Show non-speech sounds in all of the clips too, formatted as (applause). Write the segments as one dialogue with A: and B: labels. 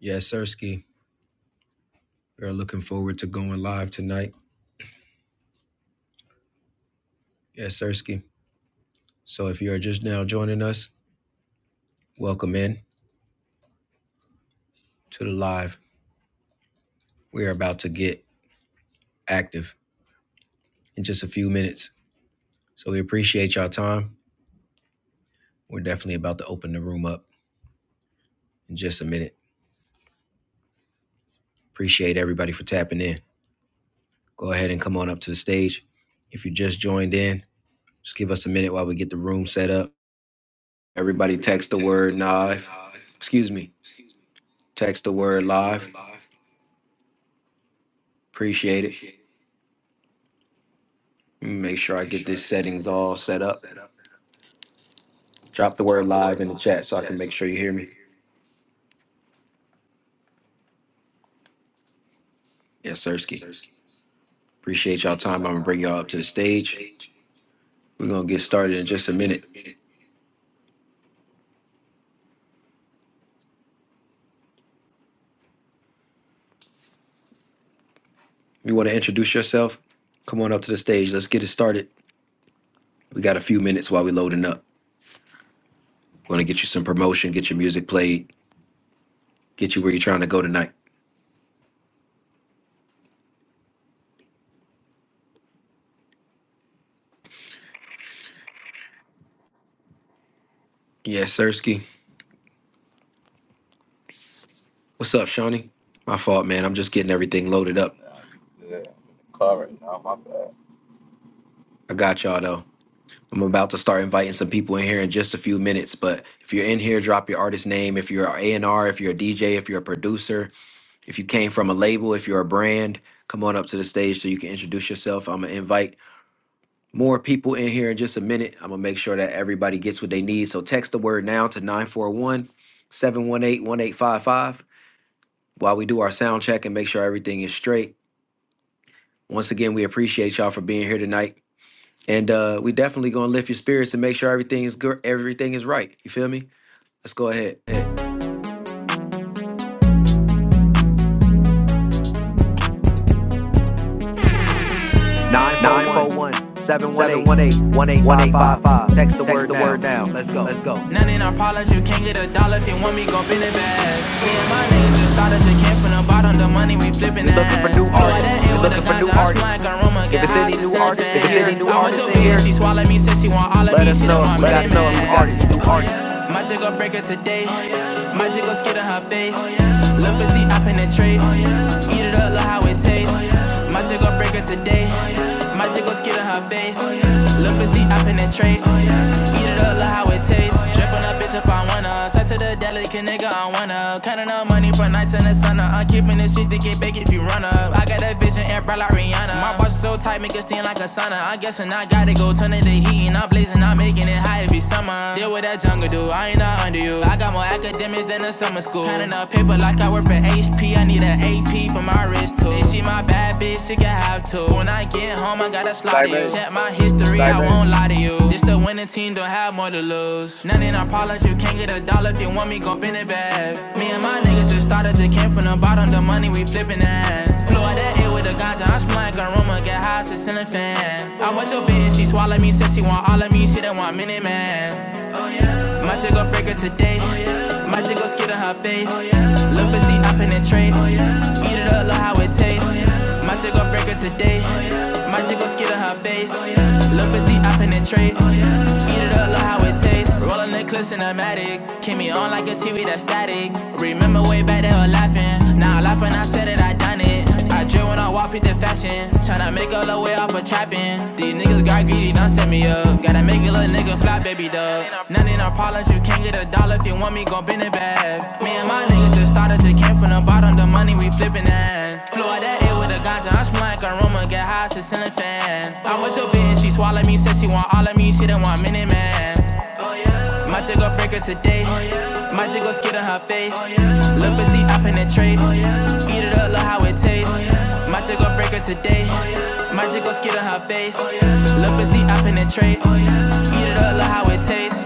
A: Yes, Sirski. We are looking forward to going live tonight. Yes, Sirski. So if you are just now joining us, welcome in to the live. We are about to get active in just a few minutes. So we appreciate y'all time. We're definitely about to open the room up in just a minute. Appreciate everybody for tapping in. Go ahead and come on up to the stage. If you just joined in, just give us a minute while we get the room set up. Everybody text the word live. Excuse me. Text the word live. Appreciate it. Make sure I get these settings all set up. Drop the word live in the chat so I can make sure you hear me. Yes, Sirski. Appreciate y'all time. I'm gonna bring y'all up to the stage. We're gonna get started in just a minute. If you wanna introduce yourself, come on up to the stage. Let's get it started. We got a few minutes while we loading up. We're gonna get you some promotion, get your music played, get you where you're trying to go tonight. Yes, Sirski. What's up, Shawnee? My fault, man. I'm just getting everything loaded up.
B: Yeah, I'm in the car right now. My bad.
A: I got y'all though. I'm about to start inviting some people in here in just a few minutes, but if you're in here, drop your artist name. If you're an A&R, if you're a DJ, if you're a producer, if you came from a label, if you're a brand, come on up to the stage so you can introduce yourself. I'm gonna invite more people in here in just a minute. I'm gonna make sure that everybody gets what they need. So text the word now to 941 718 1855 while we do our sound check and make sure everything is straight. Once again, we appreciate y'all for being here tonight. And uh, we definitely gonna lift your spirits and make sure everything is good, everything is right. You feel me? Let's go ahead.
C: Nine
A: Nine four
C: four
A: one
C: one
A: seven one
C: seven
A: eight
C: one eight
A: one eight
C: one
A: five
C: eight five
A: five.
C: five.
A: Text the
C: Text
A: word
C: the word
A: now. Let's
C: down.
A: go.
C: Let's go. None in our polish, you can't get a dollar if you want me, go bend it back. Me and my niggas just started to camp from the bottom, the money we flipping
A: We're looking for new
C: that. Florida
A: artists.
C: in with a looking for new ganja, I artists. smack aroma,
A: If
C: get
A: it's
C: high,
A: any
C: it's
A: new
C: in a
A: artists
C: fan. If
A: in
C: it's any
A: here,
C: new I went artists to in here, she swallowed me, said she want all of
A: let
C: me,
A: us
C: she didn't
A: know if
C: want
A: we
C: me. Let
A: got
C: us
A: any
C: know if
A: new
C: we got any
A: artists.
C: new artists. My chick gon' break her today. My chick gon' skid on her face. Look and see, I penetrate. Eat it up, look how it tastes. My chick gon' break her today. My chick gon' skid on her face. Look and see, I penetrate. Eat it up, look how it tastes. Drip on a bitch if I wanna. Outside to the delicate nigga, I wanna. Counting up money for nights in the sun up. I'm keeping this shit to get big if you run up. I got that vision, airbride like Rihanna. My boss is so tight, make it steam like a sauna. I'm guessing I gotta go turn it to heat, and I'm blazing, I'm making it high every summer. Deal with that jungle dude, I ain't not under you. I got more academics than a summer school. Counting up paper like I work for HP. I need an AP for my wrist too. And she my bad bitch bitch, she can have two. When I get home, I gotta
D: Like,
C: slaughter you.
D: baby,
C: Check my history, I won't lie to you. This the winning team, don't have more to lose. None in our polish, you can't get a dollar if you want me, go bend it back. Me and my niggas just started, they came from the bottom, the money we flipping that. Flow out that air with a ganja, I'm smelling like aroma, get high as a ceiling fan. I watch your bitch, she swallow me, said she want all of me, she don't want minute man. My chick gon' break her today. My chick gon' skid on her face. Look and see, I penetrate. Eat it up, look how it tastes. My chick gon' break her today. My chick gon' skid on her face. Look and see, I penetrate. Eat it up, look how it tastes. Rolling the clips in a matic. Keep me on like a TV that's static. Remember way back they were laughing. Now i laugh when I said it, I done it it. I drill when I walk, pick the fashion. Tryna make all the way off of trapping. These niggas got greedy, done set me up. Gotta make a little nigga fly, baby dub. None in our parlance, you can't get a dollar if you want me, gon' bend it back. Me and my niggas just started to camp from the bottom, the money we flipping at. Flew out that air with a ganja, I'm smelling like aroma, get high as a fan. I was your bitch, she swallowed me, said she want all of me, she didn't want minute man. Might just go break her today. Might just go skid on her face. Lil' busy up in that tray. Eat it up, love how it tastes. Might just go break her today. Might just go skid on her face. Lil' busy up in that tray. Eat it up, love how it tastes.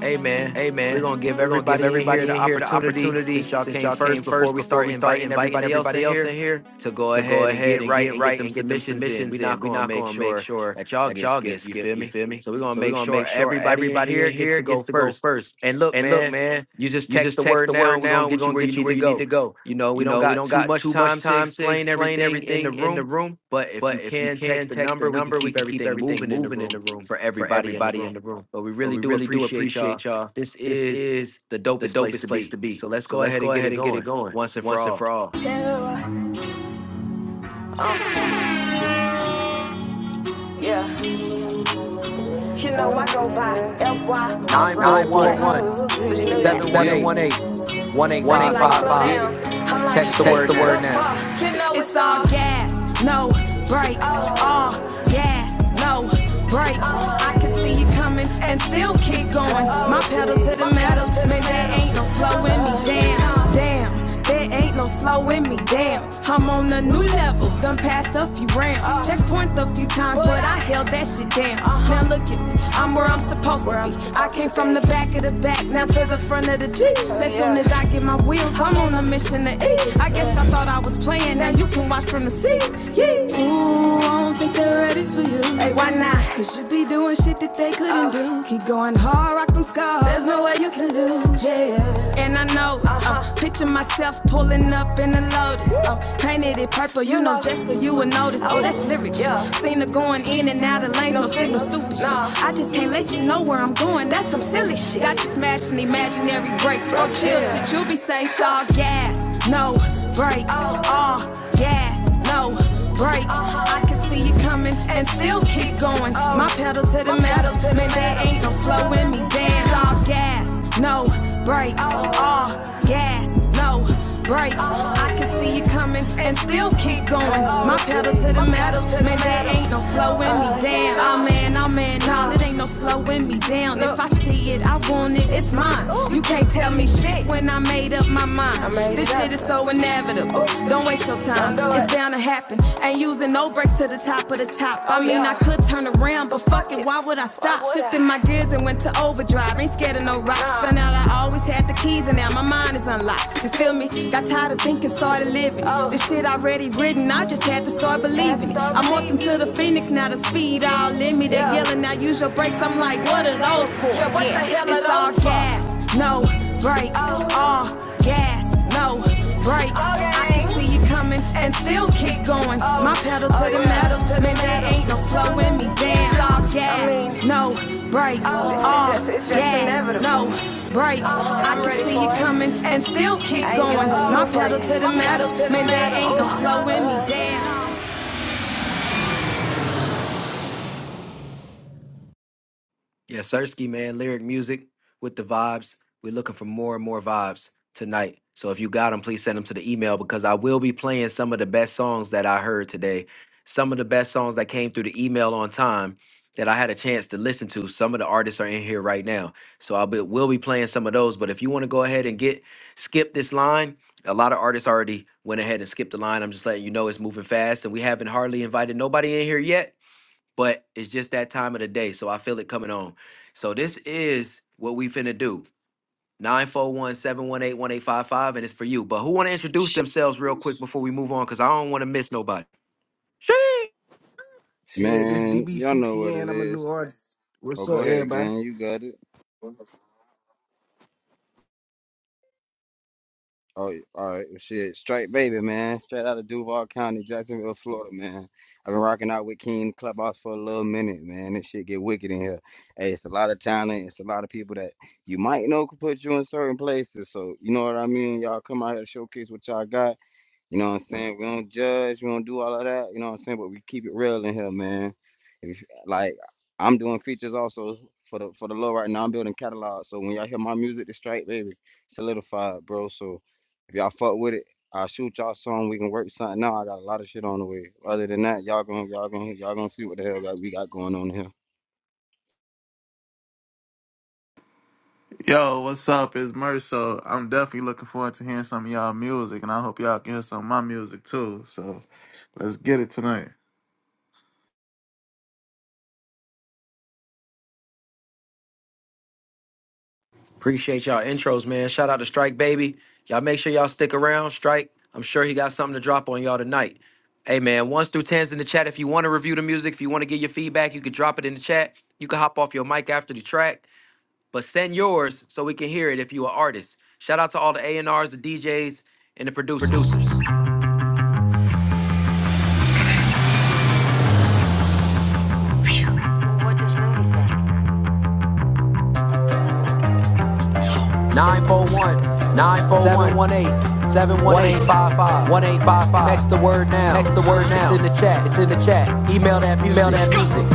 A: Hey man,
C: Hey
A: we're
C: man,
A: gonna give
C: we're gonna give
A: everybody in here
C: everybody
A: the
C: in here the
A: opportunity
C: opportunity,
A: since y'all
C: since
A: came
C: y'all
A: first
C: came
A: before
C: first,
A: we
C: before
A: start
C: we start
A: inviting
C: inviting
A: everybody else in
C: everybody else
A: here
C: in here,
A: to go
C: to go
A: ahead and
C: ahead
A: get
C: and
A: right
C: get
A: and get
C: right
A: them
C: and get them
A: submissions in.
C: submissions
A: We're not
C: in. We're
A: gonna
C: not
A: make
C: gonna make
A: sure
C: sure
A: that y'all
C: that
A: get
C: y'all get
A: skipped, you feel
C: skipped, you
A: me?
C: feel me?
A: So we're gonna
C: So we're
A: make
C: gonna
A: sure
C: make sure
A: everybody in
C: everybody
A: here
C: in
A: gets
C: here
A: to go
C: gets to go
A: first.
C: first.
A: And look,
C: And look,
A: man,
C: man,
A: you just
C: you
A: text
C: just
A: the
C: text
A: word
C: the
A: now and
C: word
A: we're
C: now
A: gonna
C: and we're
A: get you
C: gonna
A: where you
C: get you
A: need
C: where
A: to
C: you need
A: go.
C: to go.
A: You know, we
C: You
A: don't
C: know, we
A: got
C: don't
A: too
C: got
A: much
C: too
A: time
C: much
A: to
C: time to
A: explain
C: explain
A: everything in the
C: everything in the
A: room,
C: room,
A: but if you
C: but if you
A: can text
C: can
A: the
C: text the
A: number, we can
C: number, we
A: keep
C: can keep
A: everything
C: everything
A: moving in the
C: moving in
A: room
C: the room
A: for
C: for
A: everybody in the
C: everybody in
A: room.
C: the room.
A: But we
C: But
A: really
C: we
A: do
C: really do
A: appreciate y'all.
C: appreciate y'all.
A: This
C: This
A: is
C: is
A: the
C: the
A: dopest place to
C: dopest place
A: be.
C: to be.
A: So let's
C: So
A: go
C: let's
A: ahead
C: go
A: and get it
C: ahead and get it
A: going
C: going
A: once and for
C: once and
A: all.
C: for all. Yeah, yeah. You know I go by FY or
A: Nine four
C: Rodney
A: one
C: But you know that.
D: let's
A: seven one
D: get it.
A: eight
C: They
A: one eight
C: be like,
A: five
C: slow 1855.
A: five.
C: down. I'm like, shit,
A: Text the
C: Text
A: word
C: the so
A: now.
C: word that's now. far. You know It's it's all all. gas, no brakes. Oh, All gas, no brakes. I oh. can see you coming and still keep going. My pedal to Oh, the metal, man, there ain't no No, slowing me no, down. no. down. There ain't no slowing me down. I'm on a new level, done passed a few rounds. Checkpoint a few times, but I held that shit down. Now look at me, I'm where I'm supposed to be. I came from the back of the back, now to the front of the jeep. As soon as I get my wheels, I'm on a mission to eat. I guess y'all thought I was playing, now you can watch from the seats. Yeah. Ooh, I don't think they're ready for you. Hey, why not? Cause you be doing shit that they couldn't do. Keep going going hard, rock them scars. There's no way you can lose. Yeah. And I know, uh picture myself pulling up in a Lotus. Oh, painted it purple, you know, just so you would notice. Oh, that's lyrics. Yeah, Seen her going in and out of lanes, no signal, stupid shit. I just can't let you know where I'm going, that's some silly shit. Got you smashing imaginary brakes, oh, chill shit. You be safe, all gas, no brakes, all gas. No no brakes. I can see it coming and still keep going. My pedals to the metal, man, there ain't no slowing me down. All gas, no brakes. All gas, no brakes. I can see it coming and still keep going. My pedals to the metal, man, there ain't no slowing me down. Oh man, oh man, nah, it ain't no slowing me down. If I see it, I want it, it's mine. You can't tell me shit when and I made up my mind. This shit is so inevitable. Don't waste your time. it's bound to happen. Ain't using no brakes to the top of the top. I Oh, mean, yeah. I could turn around, but fuck it. Why would I stop? would Shifting my gears and went to overdrive. Ain't scared of no rocks. Nah. Found out I always had the keys, and now my mind is unlocked. You feel me? Got tired of thinking, started living. Oh. This shit already written. I just had to start believing it. I'm walking to the phoenix now. The speed all in me. They Yeah. yelling, now use your brakes. I'm like, what are those for? Yeah, it's all gas no brakes. Oh. All gas, no brakes. Okay. I can see you coming and still keep going. Oh. My pedal oh, to the metal, man, the there metal. ain't no slowing me down. It's All gas, I mean, no brakes. Oh. All it's just, it's just gas, inevitable. no brakes. I can see you coming and still keep going. My pedal to the metal, man, there ain't no slowing me down.
A: Yeah, Sersky, man, lyric music with the vibes. We're looking for more and more vibes tonight. So if you got them, please send them to the email because I will be playing some of the best songs that I heard today. Some of the best songs that came through the email on time that I had a chance to listen to. Some of the artists are in here right now. So I'll be will be playing some of those. But if you want to go ahead and get skip this line, a lot of artists already went ahead and skipped the line. I'm just letting you know it's moving fast and we haven't hardly invited nobody in here yet but it's just that time of the day. So I feel it coming on. So this is what we finna do. nine four one seven one eight one eight five five, and it's for you. But who wanna introduce
D: Shit.
A: themselves real quick before we move on? Cause I don't wanna miss nobody. Sheesh.
E: Shit, this
D: Man, y'all know what
E: DBCTN.
D: it
E: I'm a new
D: is.
E: artist. What's
D: Oh,
E: up,
D: go ahead,
E: everybody?
D: gang. You got it. Oh, yeah. all right. Shit. Straight baby, man. Straight out of Duval County, Jacksonville, Florida, man. I've been rocking out with King Clubhouse for a little minute, man. This shit get wicked in here. Hey, it's a lot of talent. It's a lot of people that you might know could put you in certain places. So, you know what I mean? Y'all come out here, showcase what y'all got. You know what I'm saying? We don't judge, we don't do all of that, you know what I'm saying? But we keep it real in here, man. If like I'm doing features also for the for the low right now. I'm building catalog. So when y'all hear my music, it's straight, baby. Solidified, bro. So if y'all fuck with it, I'll shoot y'all song. We can work something out. I got a lot of shit on the way. Other than that, y'all gonna y'all gonna y'all gonna see what the hell that we got going on here.
F: Yo, what's up? It's Merso. I'm definitely looking forward to hearing some of y'all music, and I hope y'all can hear some of my music too. So let's get it tonight.
A: Appreciate y'all intros, man. Shout out to Strike Baby. Y'all make sure y'all stick around. Strike, I'm sure he got something to drop on y'all tonight. Hey man, ones through tens in the chat. If you want to review the music, if you want to give your feedback, you can drop it in the chat. You can hop off your mic after the track. but send yours so we can hear it if you're an artist. Shout out to all the A&Rs, the D J's, and the producers. Nine four one
C: Nine four
A: seven one
C: one
A: eight
C: seven one
A: one
C: eight
A: eight five five.
C: 1855.
A: Text the word now.
C: Text the word
A: It's in the
C: now.
A: chat.
C: It's in the chat.
A: Email that
C: Email
A: music.
C: that music.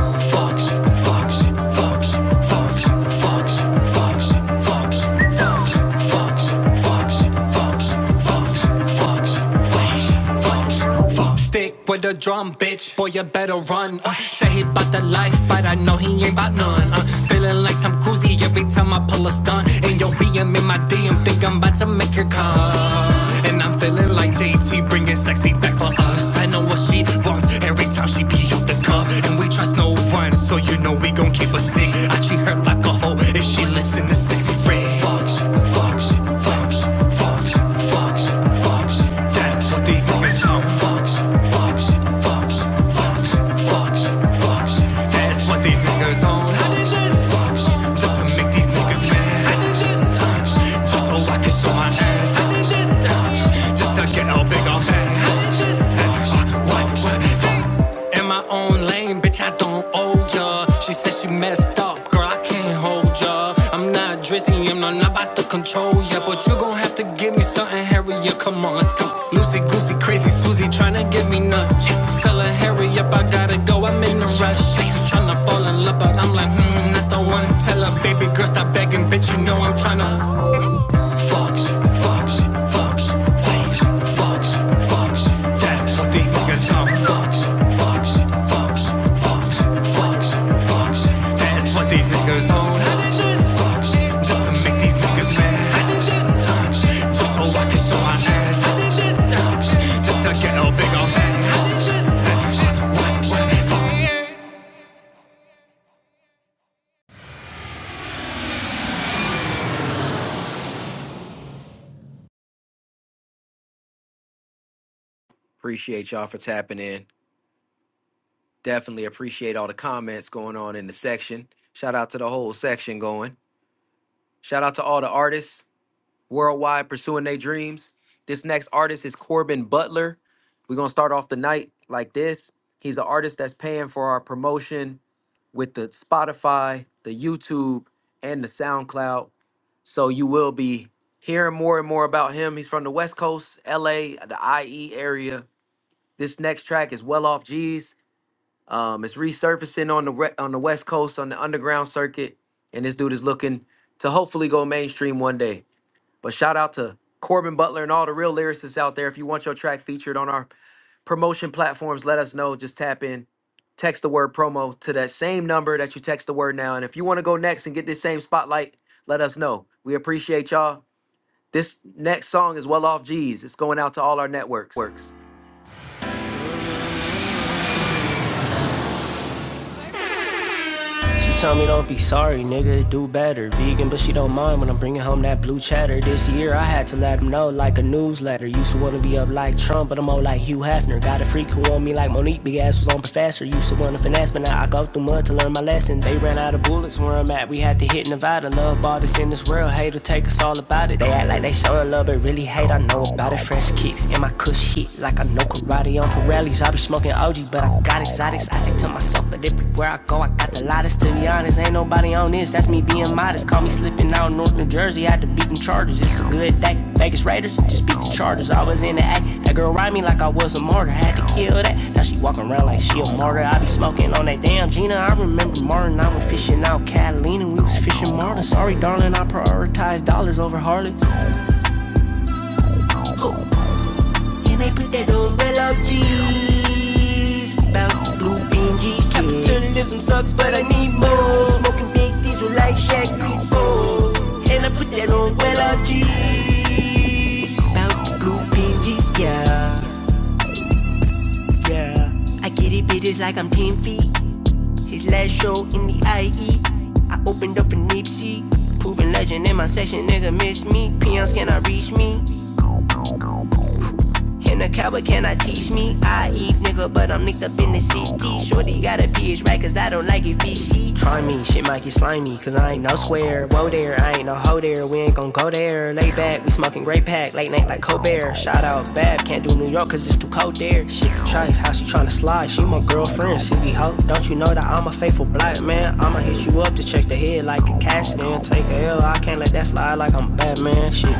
C: Fox, Fox, Fox, Fox, Fox, Fox, Fox, Fox, Fox, Fox, Fox, Fox, Fox, Fox, Fox. Stick with the drum, bitch. Boy, you better run. Uh, say he bout the life, but I know he ain't bout none. Uh, feeling like Tom Cruise every time I pull a stunt. And your BM in my DM, think I'm about to make her come. And I'm feeling like JT bringing sexy back for us. I know what she wants every time she pee up the cup. And we trust no one, so you know we gon' keep a stick. I treat her like a hoe if she listen to sexy red. Fuck, shit, fuck, shit, fuck, shit, fuck, shit, fuck, shit, fuck. shit. That's what these niggas on. Fuck, shit, fuck, shit, fuck, shit, fuck, shit, fuck, shit, fuck, shit, fuck. shit. That's what these niggas on phone. I did this punch, just to make these niggas mad. I did this punch, just so I can show my ass. I did this punch, just to get all big on that. I did this punch, what what hey. in my own lane, bitch. I don't owe ya. She said she messed up, girl. I can't hold ya. I'm not drizzy, I'm not about to control ya, but you gon' have to give me something, Harriet. Come on, let's go. Lucy goosey, crazy Susie tryna give me nut. Tell her hurry up, I gotta go. I'm in a rush. She tryna Fall in love, but I'm like, hmm, not the one. Tell her, baby girl, stop begging, bitch. You know I'm tryna fuck you, fuck you, fuck you, fuck you, fuck you, fuck you. That's what these niggas on. Fuck you, fuck you, fuck you, fuck you, fuck you, fuck you. That's what these niggas on. I did this. Fuck you, just to make these niggas mad. I did this. Fuck you, just so I can show my ass. I did this. Fuck you, just to get a bigger man. I did this. Fuck you,
A: Appreciate y'all for tapping in. Definitely appreciate all the comments going on in the section. Shout out to the whole section going. Shout out to all the artists. worldwide pursuing their dreams. This next artist is Corbin Butler. We're gonna start off the night like this. He's an artist that's paying for our promotion with the Spotify, the YouTube, and the SoundCloud. So you will be hearing more and more about him. He's from the West Coast, LA, the IE area. This next track is Well Off G's. Um, it's resurfacing on the re- on the West Coast on the underground circuit, and this dude is looking to hopefully go mainstream one day. But shout out to Corbin Butler and all the real lyricists out there. If you want your track featured on our promotion platforms, let us know. Just tap in, text the word promo to that same number that you text the word now. And if you want to go next and get this same spotlight, let us know. We appreciate y'all. This next song is Well Off G's. It's going out to all our networks.
C: works. She told me don't be sorry, nigga, do better. Vegan, but she don't mind when I'm bringing home that blue cheddar. This year I had to let him know like a newsletter. Used to wanna be up like Trump, but I'm old like Hugh Hefner. Got a freak who on me like Monique, big ass was on professor. Used to wanna finesse, but now I go through mud to learn my lesson. They ran out of bullets where I'm at. We had to hit Nevada. Love all this in this world, hate will take us all about it. They act like they showing love, but really hate. I know about it. Fresh kicks and my cush hit like I know karate. I'm for rallies. I be smoking OG, but I got exotics. I stick to myself, but everywhere I go, I got the loudest. To be honest, ain't nobody on this. That's me being modest. Call me slipping out North New Jersey. I Had to beat them Chargers. It's a good day. Vegas Raiders just beat the Chargers. I was in the act. That girl ride me like I was a martyr. Had to kill that. Now she walking around like she a martyr. I be smoking on that damn Gina. I remember Martin. I was fishing out Catalina. We was fishing Martin. Sorry, darling. I prioritize dollars over harlots. Can I put that umbrella up, G's? About the blue Benji kid. Capitalism sucks, but I need more. Smoking big diesel like Shaq people. And I put that umbrella up, G's. About the blue Benji's, yeah. yeah. I get it, bitches, like I'm 10 feet. His last show in the IE. I opened up a Nipsey. Proven legend in my section, nigga, miss me. Peons cannot reach me. In a cowboy cannot teach me. I eat nigga, but I'm nicked up in the city. Shorty got a pH right, cause I don't like it fishy. Try me, shit might get slimy, cause I ain't no square. Whoa there, I ain't no hoe there, we ain't gon' go there. Lay back, we smoking great pack, late night like Colbert. Shout out Bab, can't do New York cause it's too cold there. Shit, try how she tryna slide, she my girlfriend. She be hoe, don't you know that I'm a faithful black man? I'ma hit you up to check the head like a cast in. Take a L, I can't let that fly like I'm Batman. Shit,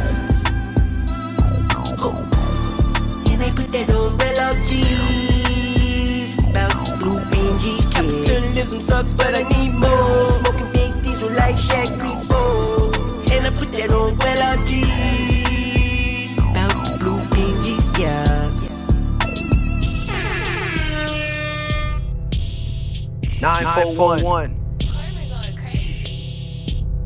C: Can I put that umbrella up, jeez? About blue binges, Capitalism sucks, but I need more. Smoking big diesel like Shaq people. Can I put that umbrella up, jeez? About blue binges, yeah.
A: 941.
C: 941.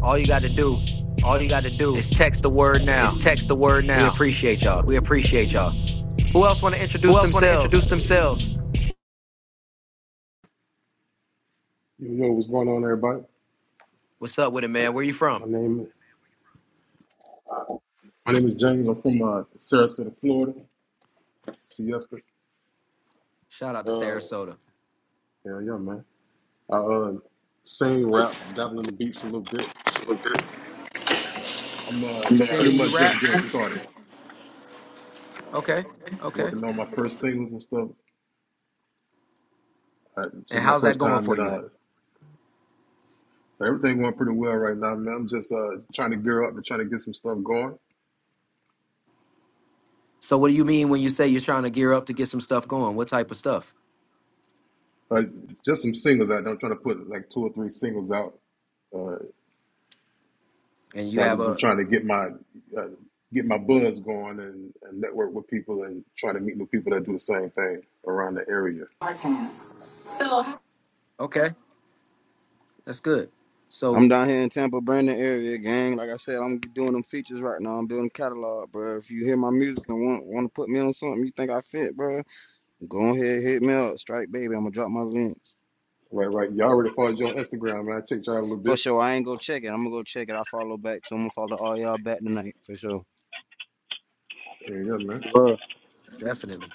A: All you got to do
C: All you got to do
A: is text the word
C: is
A: now.
C: text the word
A: We
C: now.
A: appreciate y'all.
C: We appreciate y'all.
A: Who else want to
C: Who
A: introduce
C: else want to
A: themselves?
C: introduce themselves?
G: Yo, yo, what's going on, everybody?
A: What's up with it, man? Where you from?
G: My name, my name is James. I'm from uh, Sarasota, Florida, Siesta.
A: Shout out to
G: Uh,
A: Sarasota.
G: hell yeah, man. I uh, sing, rap, dabble in the beats a little bit. I'm uh,
A: You
H: No.
G: pretty
A: singing, you
G: much
A: rap?
G: just getting started,
A: Okay. Okay.
G: working on my first singles and stuff. Uh, this is
A: And
G: my
A: how's that
G: first
A: going
G: time,
A: for
G: and
A: you?
G: uh, everything going pretty well right now, man. I'm just uh, trying to gear up and trying to get some stuff going.
A: So what do you mean when you say you're trying to gear up to get some stuff going? What type of stuff?
G: Uh, just some singles out. there. I'm trying to put like two or three singles out. uh,
A: And you
G: So I
A: have
G: just been
A: a
G: trying to get my uh, get my buzz going and, and network with people and trying to meet new people that do the same thing around the area.
I: Hey,
A: Okay, that's good.
D: I'm
A: So
D: down here in Tampa, Brandon area, gang. Like I said, I'm doing them features right now. I'm building catalog, bro. If you hear my music and want want to put me on something, you think I fit, bro? Go ahead, hit me up, Strike Baby. I'm gonna drop my links
G: Right, right. Y'all already followed you on Instagram, man. I checked y'all a little
D: for
G: bit.
D: sure. I ain't go check it. I'm gonna go check it. I follow back too. I'm gonna follow all y'all back tonight for sure.
G: And yeah, man.
J: Well,
A: definitely.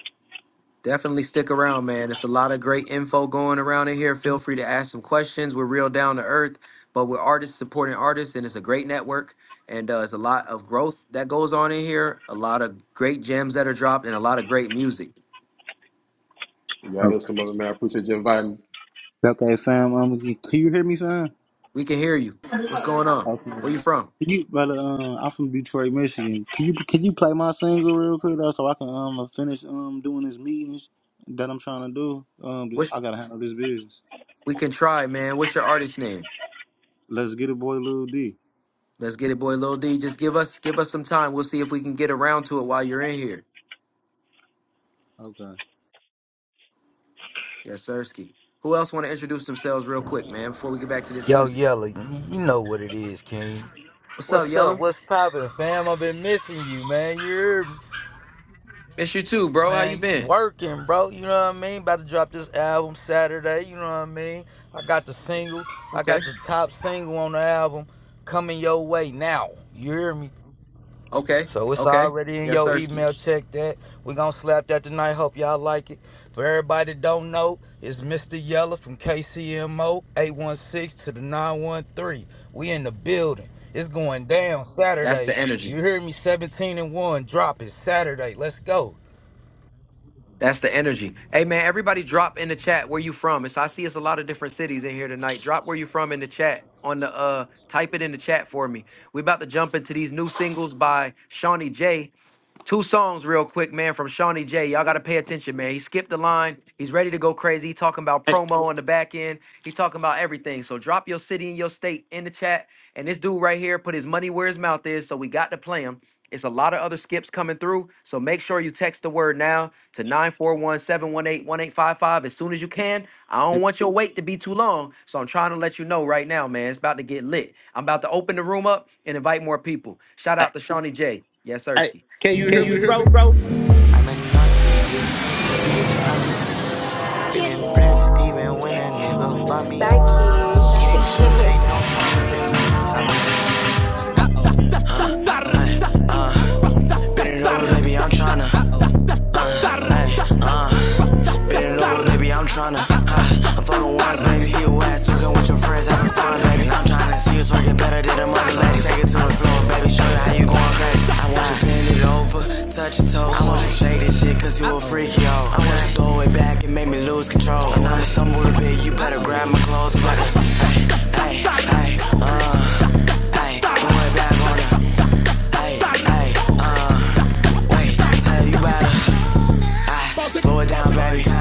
A: Definitely stick around, man. It's a lot of great info going around in here. Feel free to ask some questions. We're real down to earth, but we're artists supporting artists, and it's a great network. And uh, it's a lot of growth that goes on in here, a lot of great gems that are dropped, and a lot of great music.
G: Y'all hear
J: okay,
G: some of it, man. I appreciate you inviting.
J: okay, fam. Um, can you hear me, fam?
A: We can hear you. What's going on?
J: Okay. Can
A: Where you from?
J: you, brother? Um, I'm from Detroit, Michigan. Can you can you play my single real quick though, so I can um finish um doing this meeting that I'm trying to do? Um, I gotta handle this business.
A: We can try, man. What's your artist name?
J: Let's get it, boy, Lil D.
A: Let's get it, boy. Lil D. Just give us give us some time. We'll see if we can get around to it while you're in here.
J: Okay.
A: Yes, sirski. Who else want to introduce themselves real quick, man, before we get back to this
K: Yo,
A: music?
K: Yella, you know what it is, King.
A: What's up,
K: What's up?
A: Yellow?
K: What's poppin', fam? I've been missing you, man. You heard me?
A: Miss you too, bro. How you
K: Man, you
A: been?
K: working, bro. You know what I mean? About to drop this album Saturday. You know what I mean? I got the single. I got
A: Okay.
K: the top single on the album coming your way now. You hear me?
A: Okay.
K: So it's
A: Okay.
K: already in
A: Yes,
K: your
A: sirski.
K: email. Check that. we gonna slap that tonight. Hope y'all like it. For everybody that don't know, it's Mr. Yella from KCMO 816 to the 913. We in the building. It's going down
A: That's
K: Saturday.
A: the
K: You
A: energy.
K: hear me? 17 and 1. Drop it Saturday. Let's go.
A: That's the energy. Hey man, everybody drop in the chat where you from. It's I see it's a lot of different cities in here tonight. Drop where you from in the chat on the uh type it in the chat for me. We about to jump into these new singles by Shawnee J Two songs real quick, man, from Shawnee J. Y'all gotta pay attention, man. He skipped the line. He's ready to go crazy. He talking about promo on the back end. He talking about everything. So drop your city and your state in the chat. And this dude right here put his money where his mouth is. So we got to play him. It's a lot of other skips coming through. So make sure you text the word now to nine four one seven one eight one eight five five as soon as you can. I don't want your wait to be too long. So I'm trying to let you know right now, man. It's about to get lit. I'm about to open the room up and invite more people. Shout out to Shawnee J. Yes, sir.
C: I'm a naughty, Getting blessed even when a nigga bump me. no baby, I'm tryna. Uh, Baby, I'm tryna. Uh, I'm fucking wise, baby. See your ass talking with your friends, having fun, baby. I'm tryna see you twerking better than a other ladies. Take it to the floor, baby. Show you how you going crazy. I want you bend it over, touch your toes. I want you shake this shit, cause you a freak, yo. I want you throw it back and make me lose control. And I'ma stumble a bit, you better grab my clothes, buddy. Ay, ay, ay, uh, ay, boy, back on it. Ay, ay, uh, wait, tell you better. Ah, slow it down, baby. Bring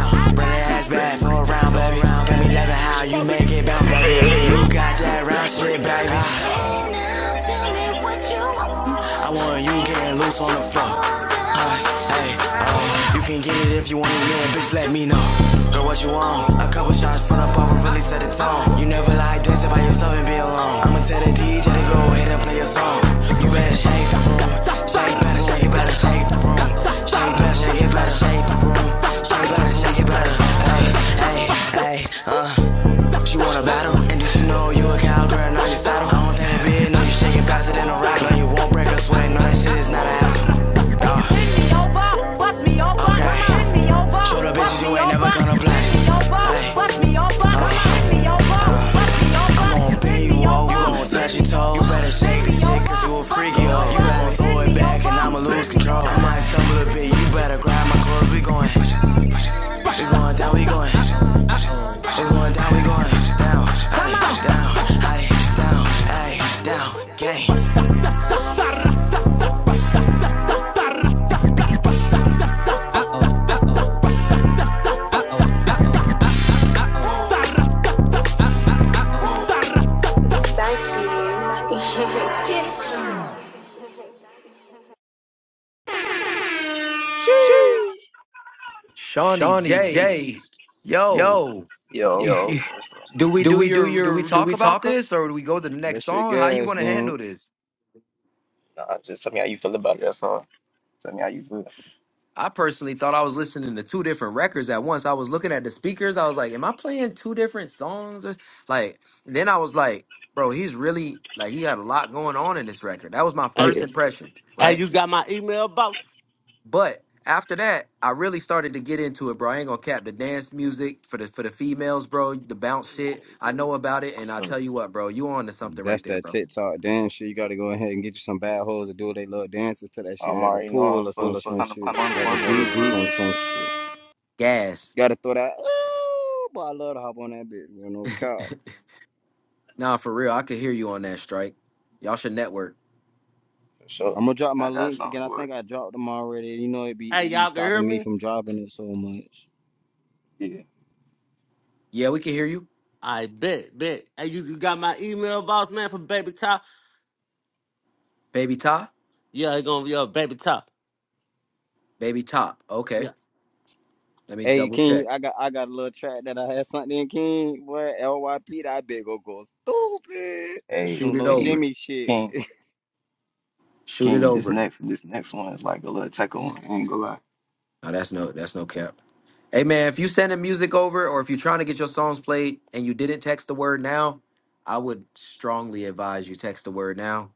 C: that ass back for a round, baby. Got me loving how you make it bounce,
L: I
C: baby.
L: mean,
C: You got that round shit, baby. Hey, now tell me what you want. I want you getting loose on the floor. Ay, ay, ay. You can get it if you want it, yeah, bitch, let me know. Girl, what you want? A couple shots from the bar will really set the tone. You never like dancing by yourself and be alone. I'ma tell the DJ to go ahead and play your song. You better shake the room. Shake, better shake, it better shake the room. Shake, better shake, it better shake the room. Shake, better shake, it better. Ay, ay, ay, uh. She wanna battle, and just you know you a cowgirl, not your saddle. I don't think it be, no, you shaking faster than a rock. No, you won't break a sweat, no, that shit is not a asshole. Okay, show the bitches you ain't never gonna play. Hey, hey, I'm gon' pay you off, you gon' touch your toes. You better shake the shit, cause you a freaky hoe. You gon' throw it back, and I'ma lose control. I might stumble a bit, you better grab my clothes, we going. We going down, we going. We going down, we going down, hey, down, hey, down, hey, down, game.
D: Sheesh.
A: Shawnee
C: Shawnee
A: J,
C: J,
A: yo,
C: yo,
B: Yo,
C: Yo,
A: (laughs)
B: what's up?
A: do we
C: do
A: do
C: we do
A: your do we
C: your do
A: talk
C: we
A: about
C: talk?
A: this or do we go to the next
D: That shit,
A: song? How do you
D: gas
A: want to
D: gang.
A: handle this?
B: Nah, just tell me how you feel about it. That's all. Tell me how you feel.
A: I personally thought I was listening to two different records at once. I was looking at the speakers. I was like, "Am I playing two different songs?" Or like, then I was like, "Bro, he's really like he had a lot going on in this record." That was my first
I: hey,
A: impression,
I: hey,
A: right?
I: you got my email, boss?
A: But after that, I really started to get into it, bro. I ain't gonna cap the dance music for the for the females, bro. The
I: Oh,
A: bounce
I: you
A: shit.
I: can't
A: I
I: hear me.
A: know about it, and I
B: Sure,
A: tell you what, bro, you on to something right
D: That's
A: there,
D: that
A: bro.
D: TikTok dance shit. You gotta go ahead and get you some bad hoes to do they little dances to that shit
B: I'm
D: at the
B: already know
D: pool
B: I'm
D: or
B: supposed
D: some
C: Full of
B: to
C: some
D: shit,
B: trying to
C: shit. Or
B: perform
D: at
B: at the
D: the
C: the
D: beach
B: club.
D: or
C: group
D: some
C: or some
D: shit.
C: shit.
A: Gas.
D: Gotta throw that. Ooh, boy, I love to hop on that bitch. You
A: (laughs)
D: know, cow.
A: nah, for real, I could hear you on that strike. Y'all should network.
B: for
D: I'm
B: sure.
D: gonna drop my
B: I got
D: links
B: something
D: again. I
B: for it.
D: think I dropped them already. You know, it be
I: Hey,
D: it be
I: y'all can hear
D: stopping me
I: me?
D: from dropping it so much.
B: Yeah.
A: Yeah, we can hear you,
I: I bet, bet. Hey, you, you got my email, boss, man, for Baby Top?
A: baby top,
I: Yeah, it's gonna be a Baby Top.
A: baby top.
I: Yeah.
A: Okay, let me
D: Hey
A: double
D: King,
A: check.
D: I got I got a little track that I had something in King, boy. LYP, that big go go stupid. It's
B: Hey,
A: Shoot
D: some
A: it
D: little
A: over.
B: hey,
D: shimmy shit.
B: King,
D: (laughs)
A: Shoot it
B: King, this
A: over.
B: next, this next one is like a little tackle one. I ain't gonna lie.
A: No, that's no, that's no cap. Hey man, if you sending music over or if you're trying to get your songs played and you didn't text the word now, I would strongly advise you text the word now.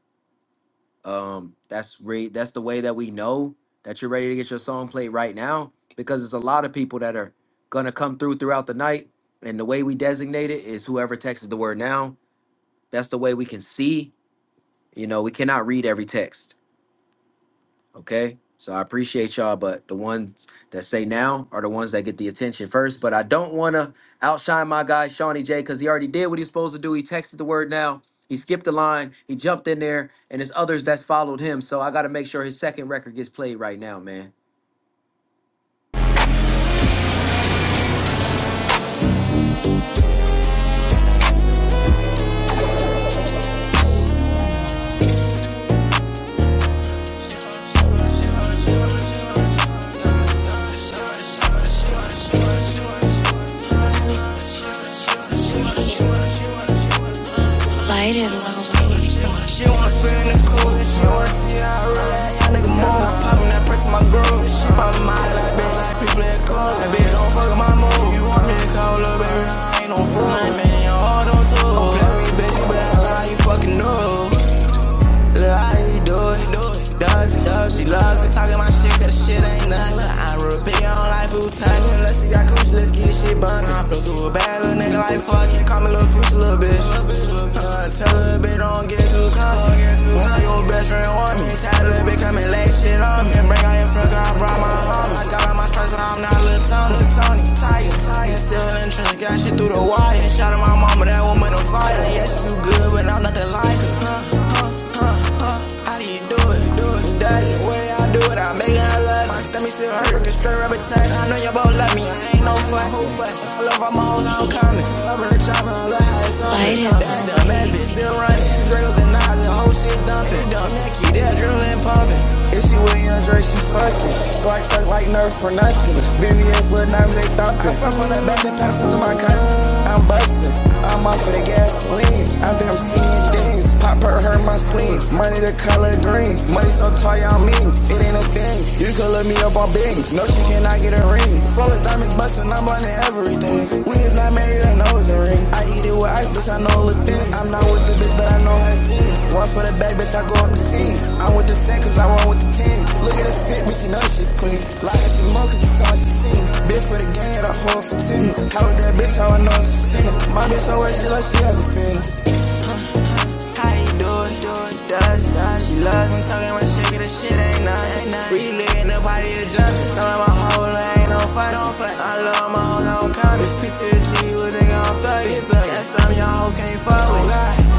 A: Um, that's re- that's the way that we know that you're ready to get your song played right now because there's a lot of people that are gonna come through throughout the night, and the way we designate it is whoever texts the word now. That's the way we can see. You know, we cannot read every text. Okay. So I appreciate y'all, but the ones that say now are the ones that get the attention first. But I don't want to outshine my guy, Shawnee J, because he already did what he's supposed to do. He texted the word now. He skipped the line. He jumped in there, and there's others that followed him. So I got to make sure his second record gets played right now, man.
C: Light it low. with her how you do it. Do it. Does it? Does she loves it? Talking my shit, cause shit ain't nothing. I real repeat on life, who touching? Let's see, I coach, let's get shit bumpin'. I blow through a bad little nigga like fuck fucking. Call me little future, little bitch. Uh, tell her, bitch, don't get too comfortable. Now your best friend want me. Tired of bitch coming lay shit on me. Bring out your fucker, I brought my homies. I got all my stress, now I'm not little Tony. Tony, tired, tired. Still in the trench, got shit through the wire. Shot at my mama, that woman on fire. Yeah, she too good, but I'm nothing like her. Huh? how do you do it? Do it, does it? What did I do it? I'm making her love. My stomach still hurt, freaking straight rubber touch. I know you both love me, I ain't no fuss. I love all my hoes, I don't comment. Up in the still running. Drills and knives and whole shit dumping. Dumb Nicky, that drilling pumping. If she with young Dre, she fucking. Glock suck like Nerf for nothing. VVS, Lil Diamonds, they thumping. I fuck from the back and pass it to my cousin. I'm busting. I'm off for the gasoline. I think I'm seeing things. Pop her, hurt my spleen. Money the color green. Money so tall, y'all mean. It ain't a thing. You could look me up on Bing. No, she cannot get a ring. Flawless diamonds bustin', I'm on everything. We is not married, I know it's a ring. I eat it with ice, bitch, I know it look thin. I'm not with the bitch, but I know her sins. One for the bag, bitch, I go up the scenes. I'm with the set, cause I want with the team. Look at the fit, bitch, she know she clean. Like she more, cause it's all she seen. Bit for the game, I hold for ten. How with that bitch, how I know she seen. My bitch always just like she has a fin. How you do it, do it, does, does. She loves when talking my shit, get the shit ain't nothing. We live in the party of junk. Tell my whole life ain't no fuss. I love my hoes, I don't count. It's P to the G, you a nigga, I'm 30. That's something y'all hoes can't fuck with.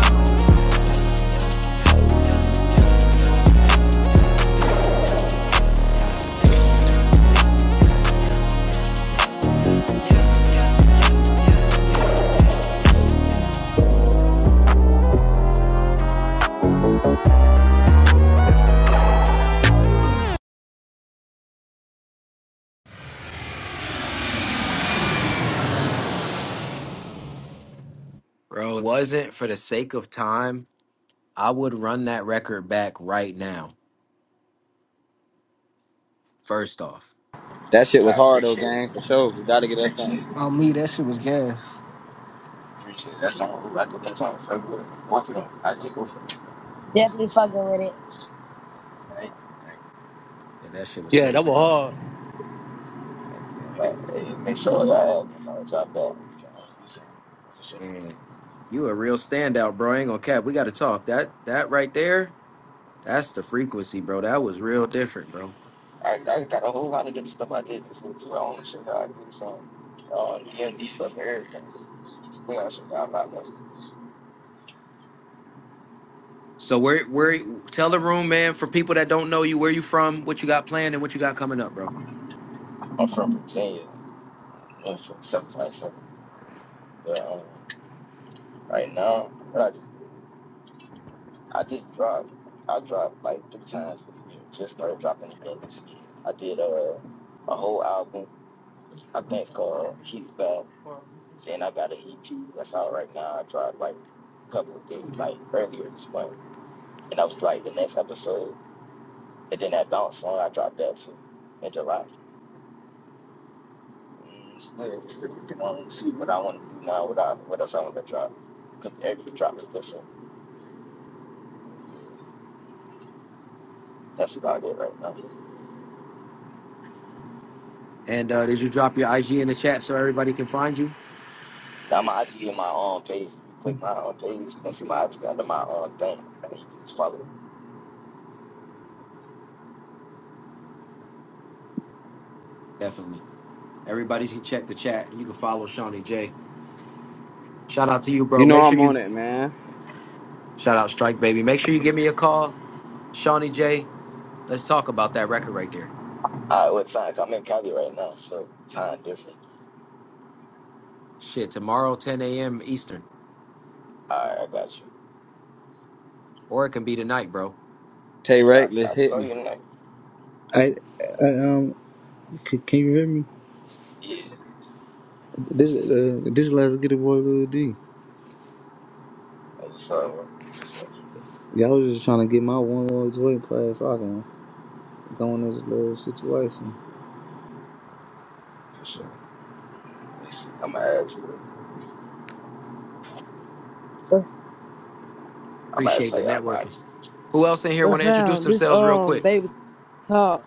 A: Bro, it wasn't for the sake of time. I would run that record back right now. First off,
D: That shit
B: I
D: was hard though,
B: appreciate it.
D: gang, for sure. We gotta get us
B: Appreciate
D: something.
B: it.
E: On me, that shit was gas.
B: Appreciate it. That's all. I did that song so good. Both of them. I did go for them.
M: Definitely fucking with it.
B: Thank you. Thank
A: yeah, that shit was
I: Yeah, that
A: crazy,
I: was
A: bro.
I: hard.
B: you. Like, hey, make sure y'all, you know, drop that. You know, you see, for sure.
A: And you a real standout, bro. I ain't gonna cap. We got to talk. That that right there That's the frequency, bro. That was real different, bro.
B: I, I got a whole lot of different stuff I did this year too. I own shit that I did some uh, DMV stuff and everything. Still, I should got a lot more.
A: So where where tell the room, man, for people that don't know you, where you from, what you got planned, and what you got coming up, bro.
B: I'm from Virginia. I'm from 757. But um, right now, what I just did, I just dropped. I dropped like three times this year. Just started dropping again this year. I did uh, a whole album. I think it's called He's Back. Then I got an EP that's out right now. I dropped like a couple of days, like earlier this month. And I was like the next episode. And then that bounce song, I dropped that too in July. Mm, Still, still working on see what I want to do now, what I what else I want to drop, because every drop is different. That's about it right now.
A: And uh, did you drop your IG in the chat so everybody can find you?
B: Now my IG and my own page. If you click my own page, you can see my IG under my own thing. And you can just follow. it.
A: Definitely. Everybody can check the chat and you can follow Shawnee J. Shout out to you, bro.
D: You know
A: Make sure
D: I'm
A: you
D: on it, man.
A: shout out Strike Baby. Make sure you give me a call, Shawnee J. Let's talk about that record right there.
B: All right, what time? 'Cause I'm in Cali right now, so time different.
A: Shit, tomorrow 10 a.m. Eastern.
B: All right, I got you.
A: Or it can be tonight, bro.
D: Tay
B: I I
D: Reckless hit
B: call
D: me.
B: you tonight.
J: I, I um, c- can you hear me?
B: Yeah. Hey,
J: This uh, this let's get it, boy, Lil D.
B: what's up? bro? What's up?
J: Y'all was just trying to get my one little joint play so I can go in this little situation.
B: For sure. Let me see. I'm gonna add you.
N: What
B: I'm gonna
A: Appreciate
B: tell
A: the
B: y'all my IG.
A: networking. Who else in here want to introduce
N: sound? This
A: themselves real
N: um
A: quick?
N: baby talk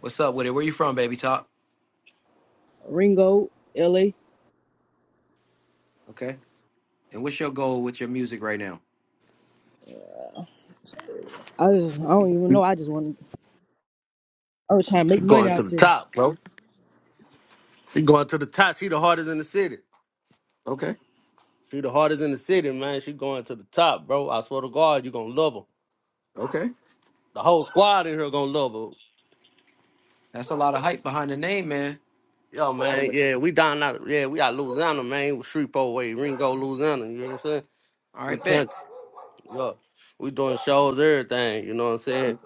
A: What's up with it? Where you from, baby top?
N: Ringo LA.
A: Okay. And what's your goal with your music right now?
N: I just I don't even know. I just want to. I was trying to
I: She
N: make money
I: going to
N: out
I: the
N: this.
I: top, bro. She going to the top. She the hardest in the city.
A: Okay.
I: She the hardest in the city, man. She going to the top, bro. I swear to God, you gonna love her.
A: Okay.
I: The whole squad in here gonna love her.
A: That's a lot of hype behind the name, man.
I: Yo, man,
A: Okay.
I: yeah, we down out, yeah, we out Louisiana, man. With Shreveport way, Ringo, Louisiana, you know what I'm saying?
A: All
I: We
A: right, bet.
I: can't. Yeah, we doing shows, everything. You know what I'm saying?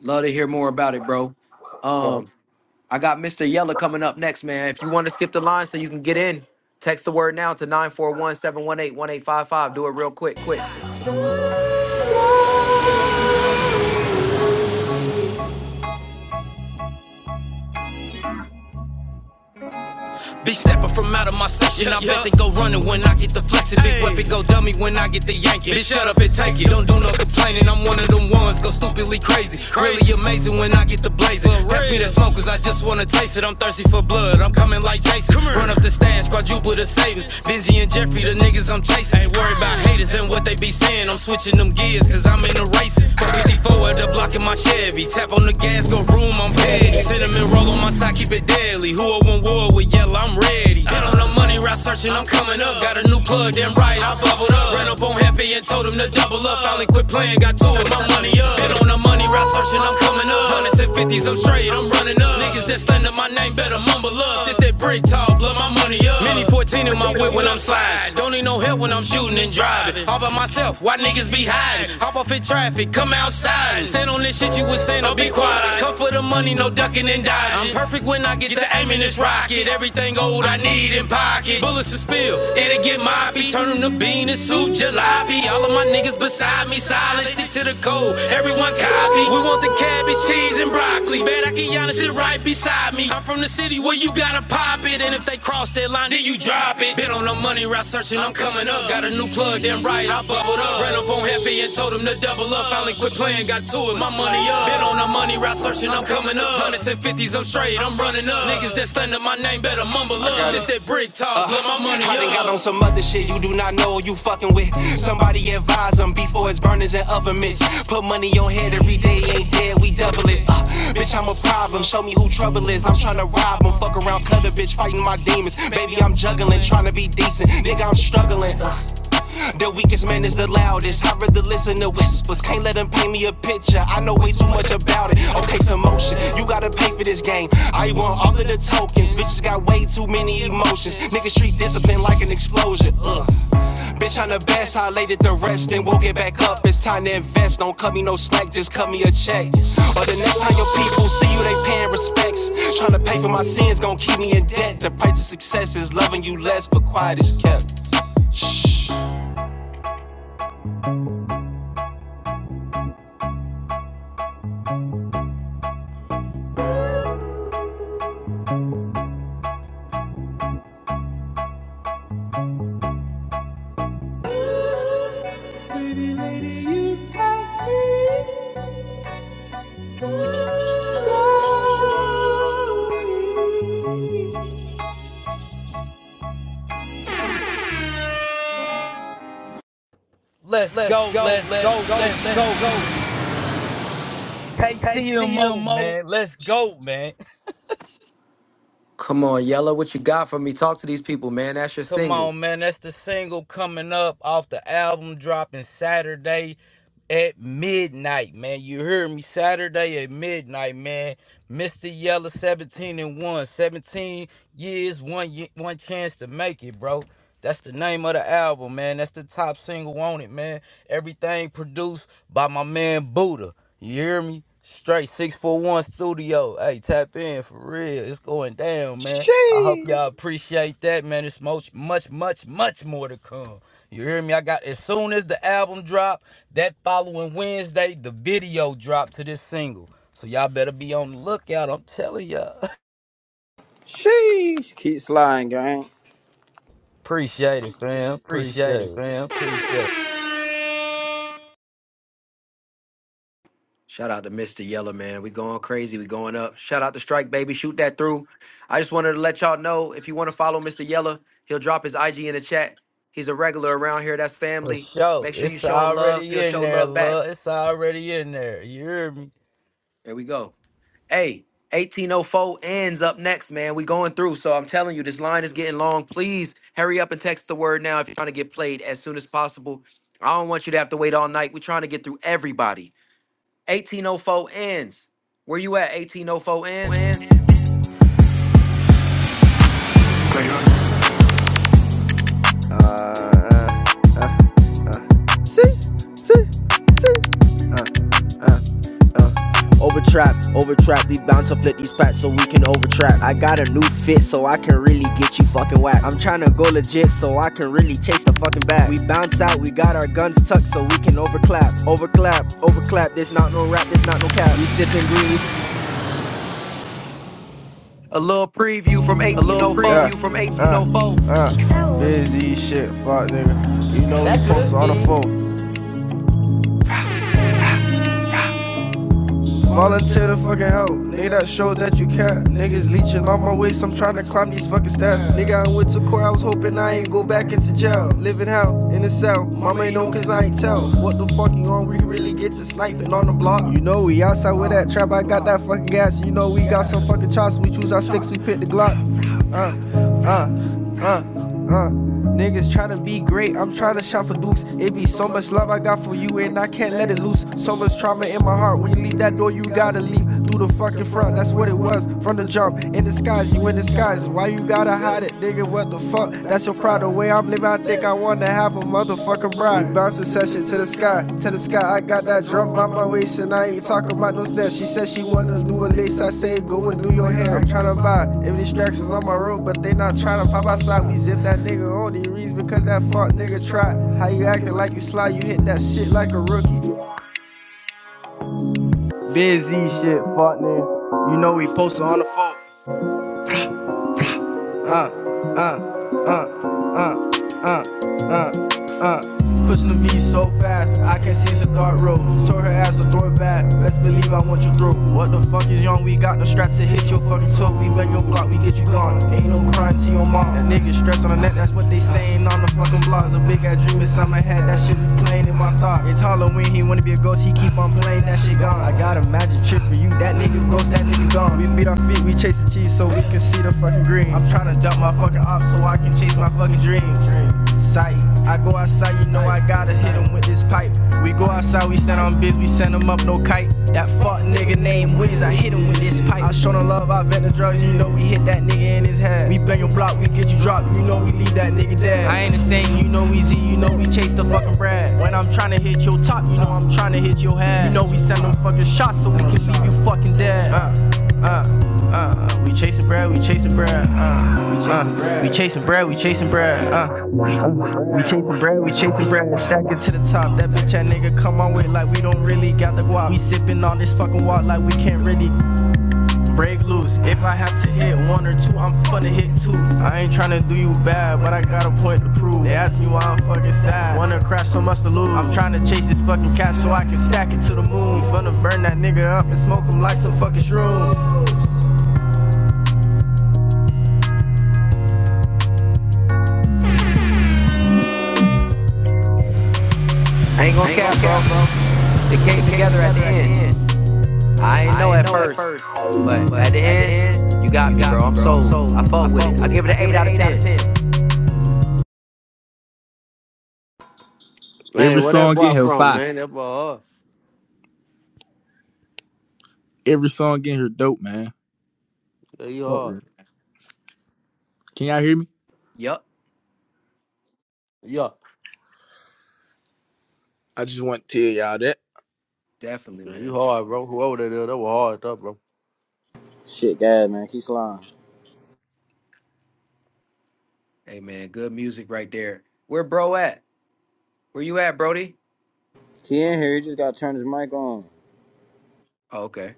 A: Love to hear more about it, bro.
I: Yeah.
A: Um, I got Mr. Yeller coming up next, man. If you want to skip the line so you can get in, text the word now to nine four one seven one eight one eight five five. Do it real quick.
C: from out of my section. I bet they go running when I get the flexing. Big weapon go dummy when I get the yanking. Bitch, shut up and take it. Don't do no complaining. I'm one of them ones go stupidly crazy. Really amazing when I get the blazing. Pass me the smoke, cause I just wanna taste it. I'm thirsty for blood. I'm coming like Jason. Run up the stash, quadruple the savings. Benzie and Jeffrey, the niggas I'm chasing haters and what they be saying. I'm switching them gears, cause I'm in the racing. From 54 at the block in my Chevy. Tap on the gas, go room, I'm petty. Cinnamon roll on my side, keep it deadly. Who I want war with yellow, I'm ready. Been on the money route searching, I'm coming up. Got a new plug, damn right, I'm the double up. Finally quit playing, got two with my money up. Been on the money route searching, I'm coming up. When it's 50s, I'm straight, I'm running up. Niggas that slander my name better mumble up. Just that brick talk, blow my money up. Mini 14 in my whip when I'm sliding. Don't need no help when I'm shooting and driving. All by myself, why niggas be hiding? Hop off in traffic, come outside. Stand on this shit you was saying, I'll be quiet. come for the money, no ducking and dodging. I'm perfect when I get the aim in this rocket. Everything old I need in pocket. Bullets to spill, it'll get moppy. Turn 'em to bean and soup, just be all inside me, silent. Stick to the code. Everybody be ugly, bad. I can see reset from the city. And if they cross that line, then you just I'm coming up. Got a new plug, then right, I bubbled up. Ran up on Happy and told him to double up. Finally quit playing, got to it. My money, I'm cut 50s, I'm small up. This that brick talk, uh, love my money. I done got on some other shit you do not know you fucking with. Somebody advise them before it's burners and oven mitts. Put money on head every day, ain't dead, we double it. Uh, bitch, I'm a problem, show me who trouble is. I'm tryna rob them, fuck around, cut a bitch, fighting my demons. Baby, I'm juggling, tryna be decent. Nigga, I'm struggling. Uh. The weakest man is the loudest. I'd rather listen to whispers. Can't let them paint me a picture. I know way too much about it. Okay, some motion. You gotta pay for this game. I want all of the tokens. Bitches got way too many emotions. Niggas treat discipline like an explosion. Ugh. Bitch, I'm the best. I laid it to rest and woke it back up. It's time to invest. Don't cut me no slack, just cut me a check. Or the next time your people see you, they paying respects. Trying to pay for my sins, gon' keep me in debt. The price of success is loving you less, but quiet is kept.
K: Let's go. Let's go. Let's go. KCMO,
C: KCMO
K: man. Let's go, man.
A: Come on, Yeller, what you got for me? Talk to these people, man. That's your
K: Come
A: single.
K: on, man. That's the single coming up off the album dropping Saturday at midnight, man. You hear me? Saturday at midnight, man. Mr. Yellow 17 and 1. 17 years, one ye- one chance to make it, bro. That's the name of the album, man. That's the top single on it, man. Everything produced by my man Buddha. You hear me? Straight 641 Studio. Hey, tap in for real. It's going down, man. I hope
D: Sheesh,
K: y'all appreciate that, man. It's much, much, much, much more to come. You hear me? I got as soon as the album drop, that following Wednesday, the video drop to this single. So y'all better be on the lookout. I'm telling y'all. (laughs)
D: sheesh. Keep sliding, gang.
K: Appreciate it, fam. Appreciate it.
A: Shout out to Mr. Yeller, man. We going crazy. We going up. Shout out to Strike Baby. Shoot that through. I just wanted to let y'all know if you want to follow Mr. Yeller, he'll drop his IG in the chat. He's a regular around here. That's
K: For
A: family.
K: sure.
A: Make sure you
K: It's
A: show him love.
K: already
A: He'll
K: in
A: show
K: there,
A: love back.
K: love. It's already in there. You hear me?
A: There we go. Hey, 1804 ends up next, man. We going through. So I'm telling you, this line is getting long. Please hurry up and text the word now if you're trying to get played as soon as possible. I don't want you to have to wait all night. We're trying to get through everybody. 1804 ends. Where you at, 1804 ends?
C: over trap lit rap. I need Philly, get you fucking whack. I'm tryna to go so I can really chat. We back over clap, oh clap. This is not
A: A little preview from
C: A little preview Yeah.
A: 1804.
C: from 1804. I'm busy shit, fuck nigga. You know we post on the phone. Volunteer to the fucking help. Nigga, that show that you care. Niggas leeching on my waist, I'm trying to climb these fucking steps. Nigga, I went to court, I was hoping I ain't go back into jail. Living hell in a cell. Mama ain't know cause I ain't tell. What the fuck you on? We really get to sniping on the block. You know, we outside with that trap, I got that fucking gas. You know, we got some fucking chops, we choose our sticks, we pick the Glock. Uh. Uh, uh, uh. Niggas tryna be great, I'm tryna shop for dukes. It be so much love I got for you, and I can't let it loose. So much trauma in my heart. When you leave that door, you gotta leave through the fucking front. That's what it was from the jump. In disguise, you in disguise. Why you gotta hide it, nigga? What the fuck? That's your pride. The way I'm living, I think I wanna have. Half a motherfucking bride. Bouncing session to the sky, to the sky. I got that drum by my waist and I ain't talking about no steps. She said she wanna do a lace. I say go and do your hair. I'm tryna buy. Every distraction's on my road, but they not tryna pop outside. We zip that nigga only reason because that fuck nigga tried. How you acting like you sly? You hit that shit like a rookie. Busy shit, fuck nigga. You know we posted on the phone. Pushing the V so fast, I can not see it's a dark road. Tore her ass a throw it back. Let's believe I want you through. What the fuck is young? We got no straps to hit your fucking toe. We bang your block, we get you gone. Ain't no crying to your mom. That niggas on the net, that's what they saying on the phone. We playing in my thoughts. Halloween, he wanna be a ghost, ain't that shit gone. I got shit for you, that nigga go nigga gone. We beat off taste of cheese so we can fucking green. I'm trying to dump my fucking ops so I can chase my fucking dream. Sight, I got a pipe. Young bitch, we send him up no kite. That fuck nigga named Wiz, I hit him with this pipe. I show no love, I vent the drugs, you know we hit that nigga in his head. We bang your block, we get you dropped, you know we leave that nigga dead. I ain't the same, you know we Z, you know we chase the fucking bread. When I'm tryna hit your top, you know I'm tryna hit your head. You know we send them fucking shots so we can leave you fucking dead. Uh, uh. Uh, we chasing bread, we chasing bread. Uh, we chasing bread, we chasing bread, we chasing bread. Uh, we chasing bread, we chasing bread, stack it to the top. That bitch, that nigga come on with like we don't really got the guap. We sipping on this fucking walk like we can't really break loose. If I have to hit one or two, I'm finna hit two. I ain't tryna do you bad, but I got a point to prove. They ask me why I'm fucking sad. Wanna crash so much to lose. I'm tryna chase this fucking cash so I can stack it to the moon. Finna burn that nigga up and smoke him like some fucking shroom.
A: I ain't
C: I
A: gonna
C: ain't gon'
A: cap,
C: cap,
A: bro.
C: bro.
A: It came
C: It came
A: together at the
C: together at the
A: end.
C: end.
A: I ain't
C: I
A: know
C: ain't
A: at
C: know at
A: first,
C: first,
A: but
C: but
A: at the
C: at the
A: end, you
C: end,
A: got
C: you
A: me,
C: got
A: bro.
C: me,
A: I'm
C: bro. I'm
A: sold. I
C: sold.
A: fuck
C: I
A: with it.
C: fuck
A: I
C: with
A: give
C: it.
A: it
C: I
A: an
C: give
A: 8
C: it
A: out
C: an
A: of
C: 8 out of
A: 10.
C: 10.
O: Every
I: Man, where
O: song
I: that
O: in
I: boy
O: here
I: from,
O: fire.
I: man? That boy hard.
O: Every song in here dope, man.
I: Yeah, you
O: Fuck
I: hard.
O: with it. Can y'all hear me?
A: Yup,
I: Yeah.
O: I just want to tell y'all that
A: definitely,
I: Yeah, you
A: man.
I: hard, bro. Whoever that is, that was hard up, bro.
D: Shit, guys, man. Keep sliding.
A: Hey, man, good music right there. Where bro at? Where you at, Brody?
D: He in here. He just gotta turn his mic on.
A: Oh, okay.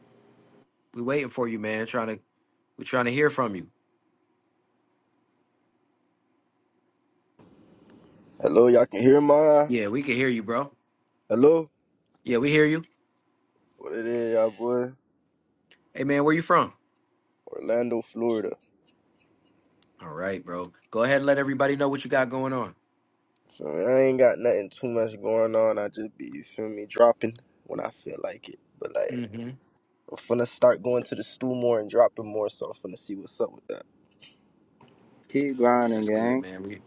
A: We waiting for you, man. Trying to, we trying to hear from you.
P: Hello, y'all can hear my
A: Yeah, we can hear you, bro.
P: hello.
A: Yeah, we hear you.
P: What it is, y'all boy?
A: Hey, man, where you from?
P: Orlando, Florida.
A: All right, bro. Go ahead and let everybody know what you got going on.
P: So I ain't got nothing too much going on. I just be you feel me dropping when I feel like it. But like
A: hmm
P: I'm finna start going to the stool more and dropping more. So I'm finna see what's up with that.
D: Keep grinding,
A: That's good,
D: gang.
A: man. We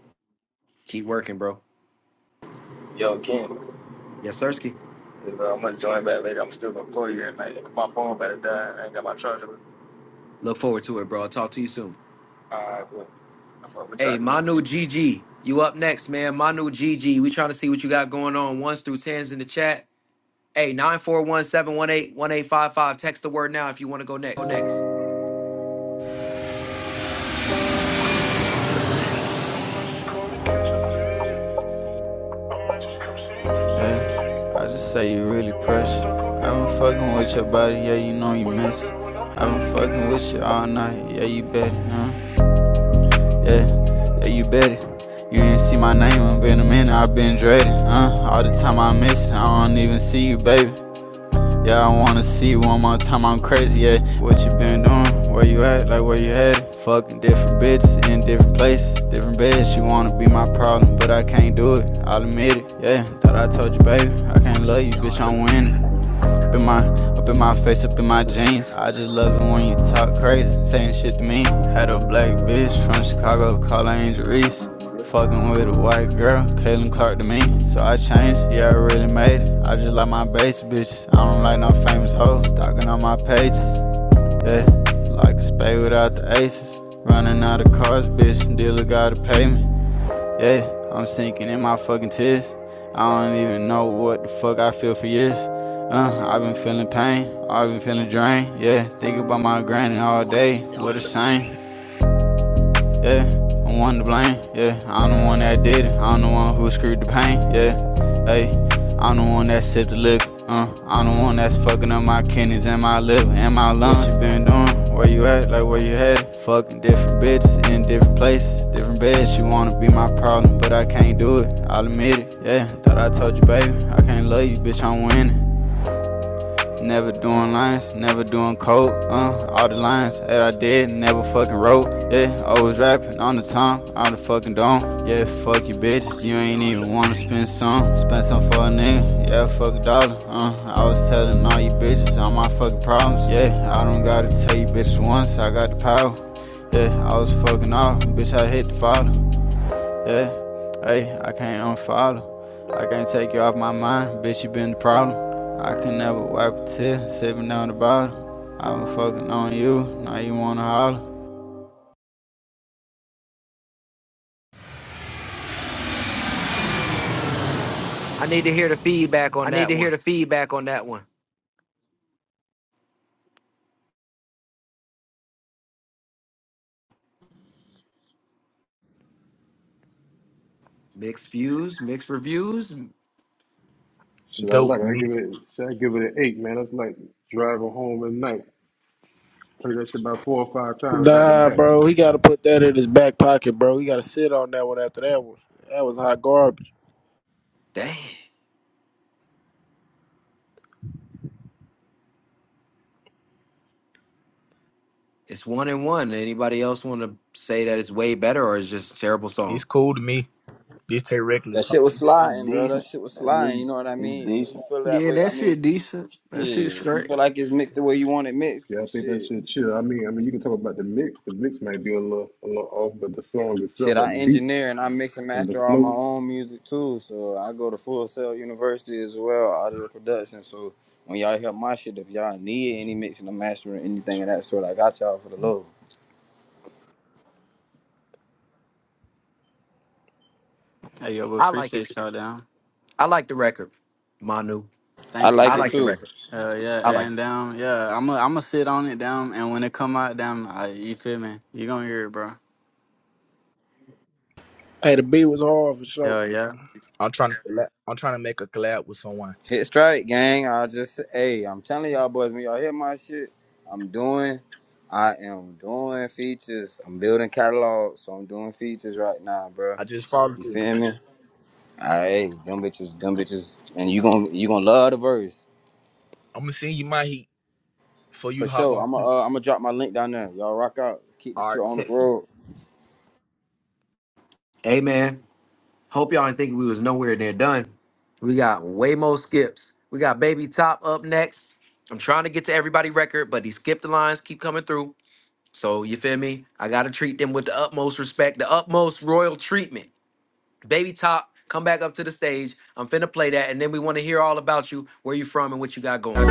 A: keep working, bro.
B: Yo, King.
A: Yes, Sirski.
B: If uh, I'm gonna join back later, I'm still gonna call you and like my phone better die. I ain't got my charger.
A: Look forward to it, bro. I'll talk to you soon.
B: All right, cool. I fuck with
A: Hey,
B: y'all
A: Manu
B: music.
A: GG, you up next, man. Manu GG, we trying to see what you got going on. Ones through tens in the chat. Hey, nine four one seven one eight one eight five five. Text the word now if you want to go
C: Go
A: next.
C: next. Hey, I just say you really precious. I've been fucking with your body, yeah, you know you miss. it. I've been fucking with you all night, yeah, you bet it, huh? Yeah, yeah, you bet it. You ain't see my name, i been a minute, i been dreading, huh? All the time I miss, it, I don't even see you, baby. wanna see one more time, I'm crazy, yeah. What you been doing? Where you at? Like, where you headed? Fucking different bitches in different places, different beds. She wanna be my problem, but I can't do it, I'll admit it, yeah. Thought I told you, baby, I can't love you, bitch, I'm winning up in my up in my face, up in my jeans. I just love it when you talk crazy, saying shit to me. Had a black bitch from Chicago, call her Angel Reese. Fucking with a white girl, Kaylin Clark to me. So I changed, yeah, I really made it. I just like my base bitches. I don't like no famous hoes, stalking on my pages. Yeah, like a spade without the aces. Running out of cars, bitch, dealer gotta pay me. Yeah, I'm sinking in my fucking tears. I don't even know what the fuck I feel for years. Uh, I've been feeling pain, I've been feeling drained. Yeah, thinking about my granny all day. What a shame yeah. I'm one to blame, yeah. I'm the one that did it. I'm the one who screwed the pain, yeah. Hey, I'm the one that sipped the liquor, uh. I'm the one that's fucking up my kidneys and my liver and my lungs. What you been doing? Where you at? Like where you headed? Fucking different bitches in different places, different beds. You wanna be my problem, but I can't do it. I'll admit it, yeah. Thought I told you, baby, I can't love you, bitch. I'm winning. Never doing lines, never doing coke. Uh, all the lines that I did, never fucking wrote. Yeah, always rapping on the time, on the fucking dome. Yeah, fuck you bitches, you ain't even wanna spend some. Spend some for a nigga, yeah, fuck a dollar. Uh, I was telling all you bitches all my fucking problems. Yeah, I don't gotta tell you bitches once, I got the power. Yeah, I was fucking off, bitch, I hit the father. Yeah, hey, I can't unfollow. I can't take you off my mind, bitch. You been the problem. I can never wipe a tear, sipping down the bottle. I been fucking on you, now you wanna holler.
A: I need to hear the feedback on
C: I need
A: that
C: to
A: one.
C: hear the feedback on that one.
A: Mixed views, mixed reviews.
G: Should I
O: dope
G: like
O: to
G: it? I
O: me.
G: give it should I give it an eight, man? That's like driving home at night. Play that shit about four or five times back to
Q: Nah,
G: back.
Q: bro, he got to put that in his back pocket, bro. He got to sit on that one after that one. That was hot garbage.
A: Dang. It's one and one. Anybody else want to say that it's way better or it's just a terrible
O: It's
A: song?
O: cool to me. This Tay
D: That
O: Reckless talk.
D: shit was
R: It's
D: sliding, bro. That
R: decent.
D: shit was
R: That
D: sliding.
R: bitch
D: You know what I
R: is
D: mean?
R: decent.
D: If you feel that
E: Yeah,
D: way, I
E: that
D: mean,
E: shit decent. That shit
D: shit. If you
E: straight.
D: feel like it's mixed the way you want it mixed
G: Yeah, I
D: and
G: think that
D: shit.
G: shit chill. I mean, I mean, you can talk about the mix. The mix might be a little, a little off, but the song itself,
D: Shit,
G: like the
D: I
G: beat
D: engineer and I mix and
G: and the
D: master all my
G: flow.
D: own music too. So I go to Full Sail University as well, audio production. So when y'all hear my shit, if y'all need any mixing or mastering, anything of that sort, I got y'all for the low.
H: Hey yo, we
A: I like it.
H: appreciate y'all down.
A: I like the record, Manu.
D: I
H: Thank you,
D: like
A: I
D: it
H: bro.
A: like the
D: too.
A: record.
H: Uh, yeah,
A: I like. It.
H: and down. yeah, I'm i I'm gonna sit on it down, and when it come out, down, I, you feel me? You gonna hear it, bro?
Q: Hey, the beat was hard for sure.
H: Hell yeah.
O: I'm trying to collab. I'm trying to make a collab with someone.
D: Hit strike, gang. I just hey, I'm telling y'all boys, when y'all hear my shit, I'm doing I am doing features. I'm building catalogs, so I'm doing features right now, bro.
O: I just followed
D: You
O: you.
D: feel me? All right, Hey, them bitches, them bitches, and you gonna you gonna love the verse
O: I'm gonna send you my heat for you
D: for
O: to hop
D: sure.
O: on
D: I'm gonna
O: too.
D: uh, I'm gonna drop my link down there. Y'all rock out. Keep the
O: All right,
D: shit on the
O: text me.
D: road.
A: Hey man, hope y'all didn't think we was nowhere near done. We got way more skips. We got Baby Top up next. I'm trying to get to everybody record, but these skip the lines keep coming through. So you feel me? I gotta treat them with the utmost respect, the utmost royal treatment. Baby Top, come back up to the stage. I'm finna play that, and then we want to hear all about you, where you from, and what you got going.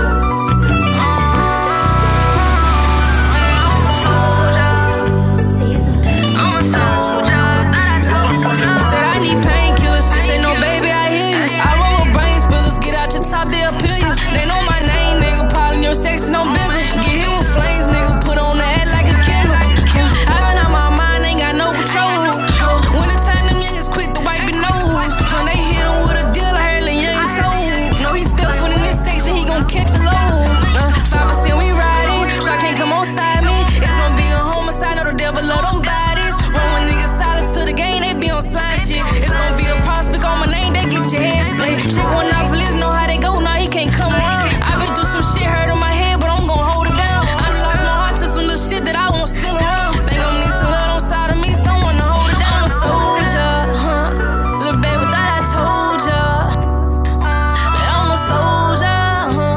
C: Said I need painkillers. She said, No, baby, I hear you. I roll with brain spillers. Get out your top, they'll peel you. They know my name, nigga. Piling your sex, no bigger. Get hit with flames, nigga. Put on the head like a killer. Yeah, I been out my mind, ain't got no control. When it's time, them niggas quick to wipe your nose. When they hit him with a deal, I heard Lil Young told. No, he still foot in this section, he gon' catch a load. Uh, 5% we riding. Shot can't can't come on side me. It's gonna be a homicide, know the devil love them bodies. Run with niggas silence to the game, they be on slime shit. It's gonna be a prospect on my name, they get your head split. Check one out for this, know how they go, now nah, he can't come around. I been through some shit, hurt on my head, but I'm gonna hold it down. I done lost my heart to some little shit that I won't still around. Think i need some love on side of me, someone to hold it down. I'm a soldier, huh? Little baby, thought I told ya that I'm a soldier. huh?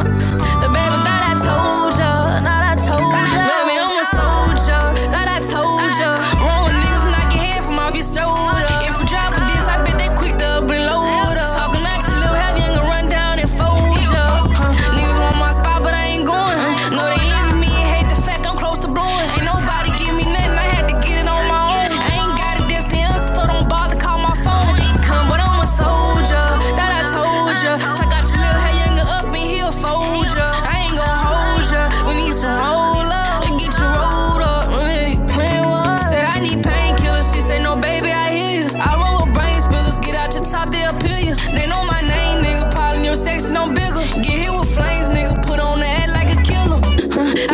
C: I told ya, not I told ya. Baby, I'm a soldier, thought I told ya. Wrong niggas knock your head from off your shoulder. If you drop with this, I bet they quick to up and load up. Talking action, little heavy, ain't gonna run down and fold ya. Huh? Niggas want my spot, but I ain't going. Huh? No, they envy me and hate the fact I'm close to blowing. Ain't nobody give me nothing, I had to get it on my own. I ain't got it, that's the answer, so don't bother call my phone. Huh, but I'm a soldier, that I told ya. I got your little hair younger up and he'll fold ya. I ain't gon' hold ya. We need some roll up and get you rolled up. Mm, Plan one. Said I need painkillers. She said no, baby, I hear you. I roll with brain spillers. Get out your top, they'll peel you. They know my name, nigga. Pollen your sex, no bigger. Get hit with flames, nigga. Put on the act like a killer.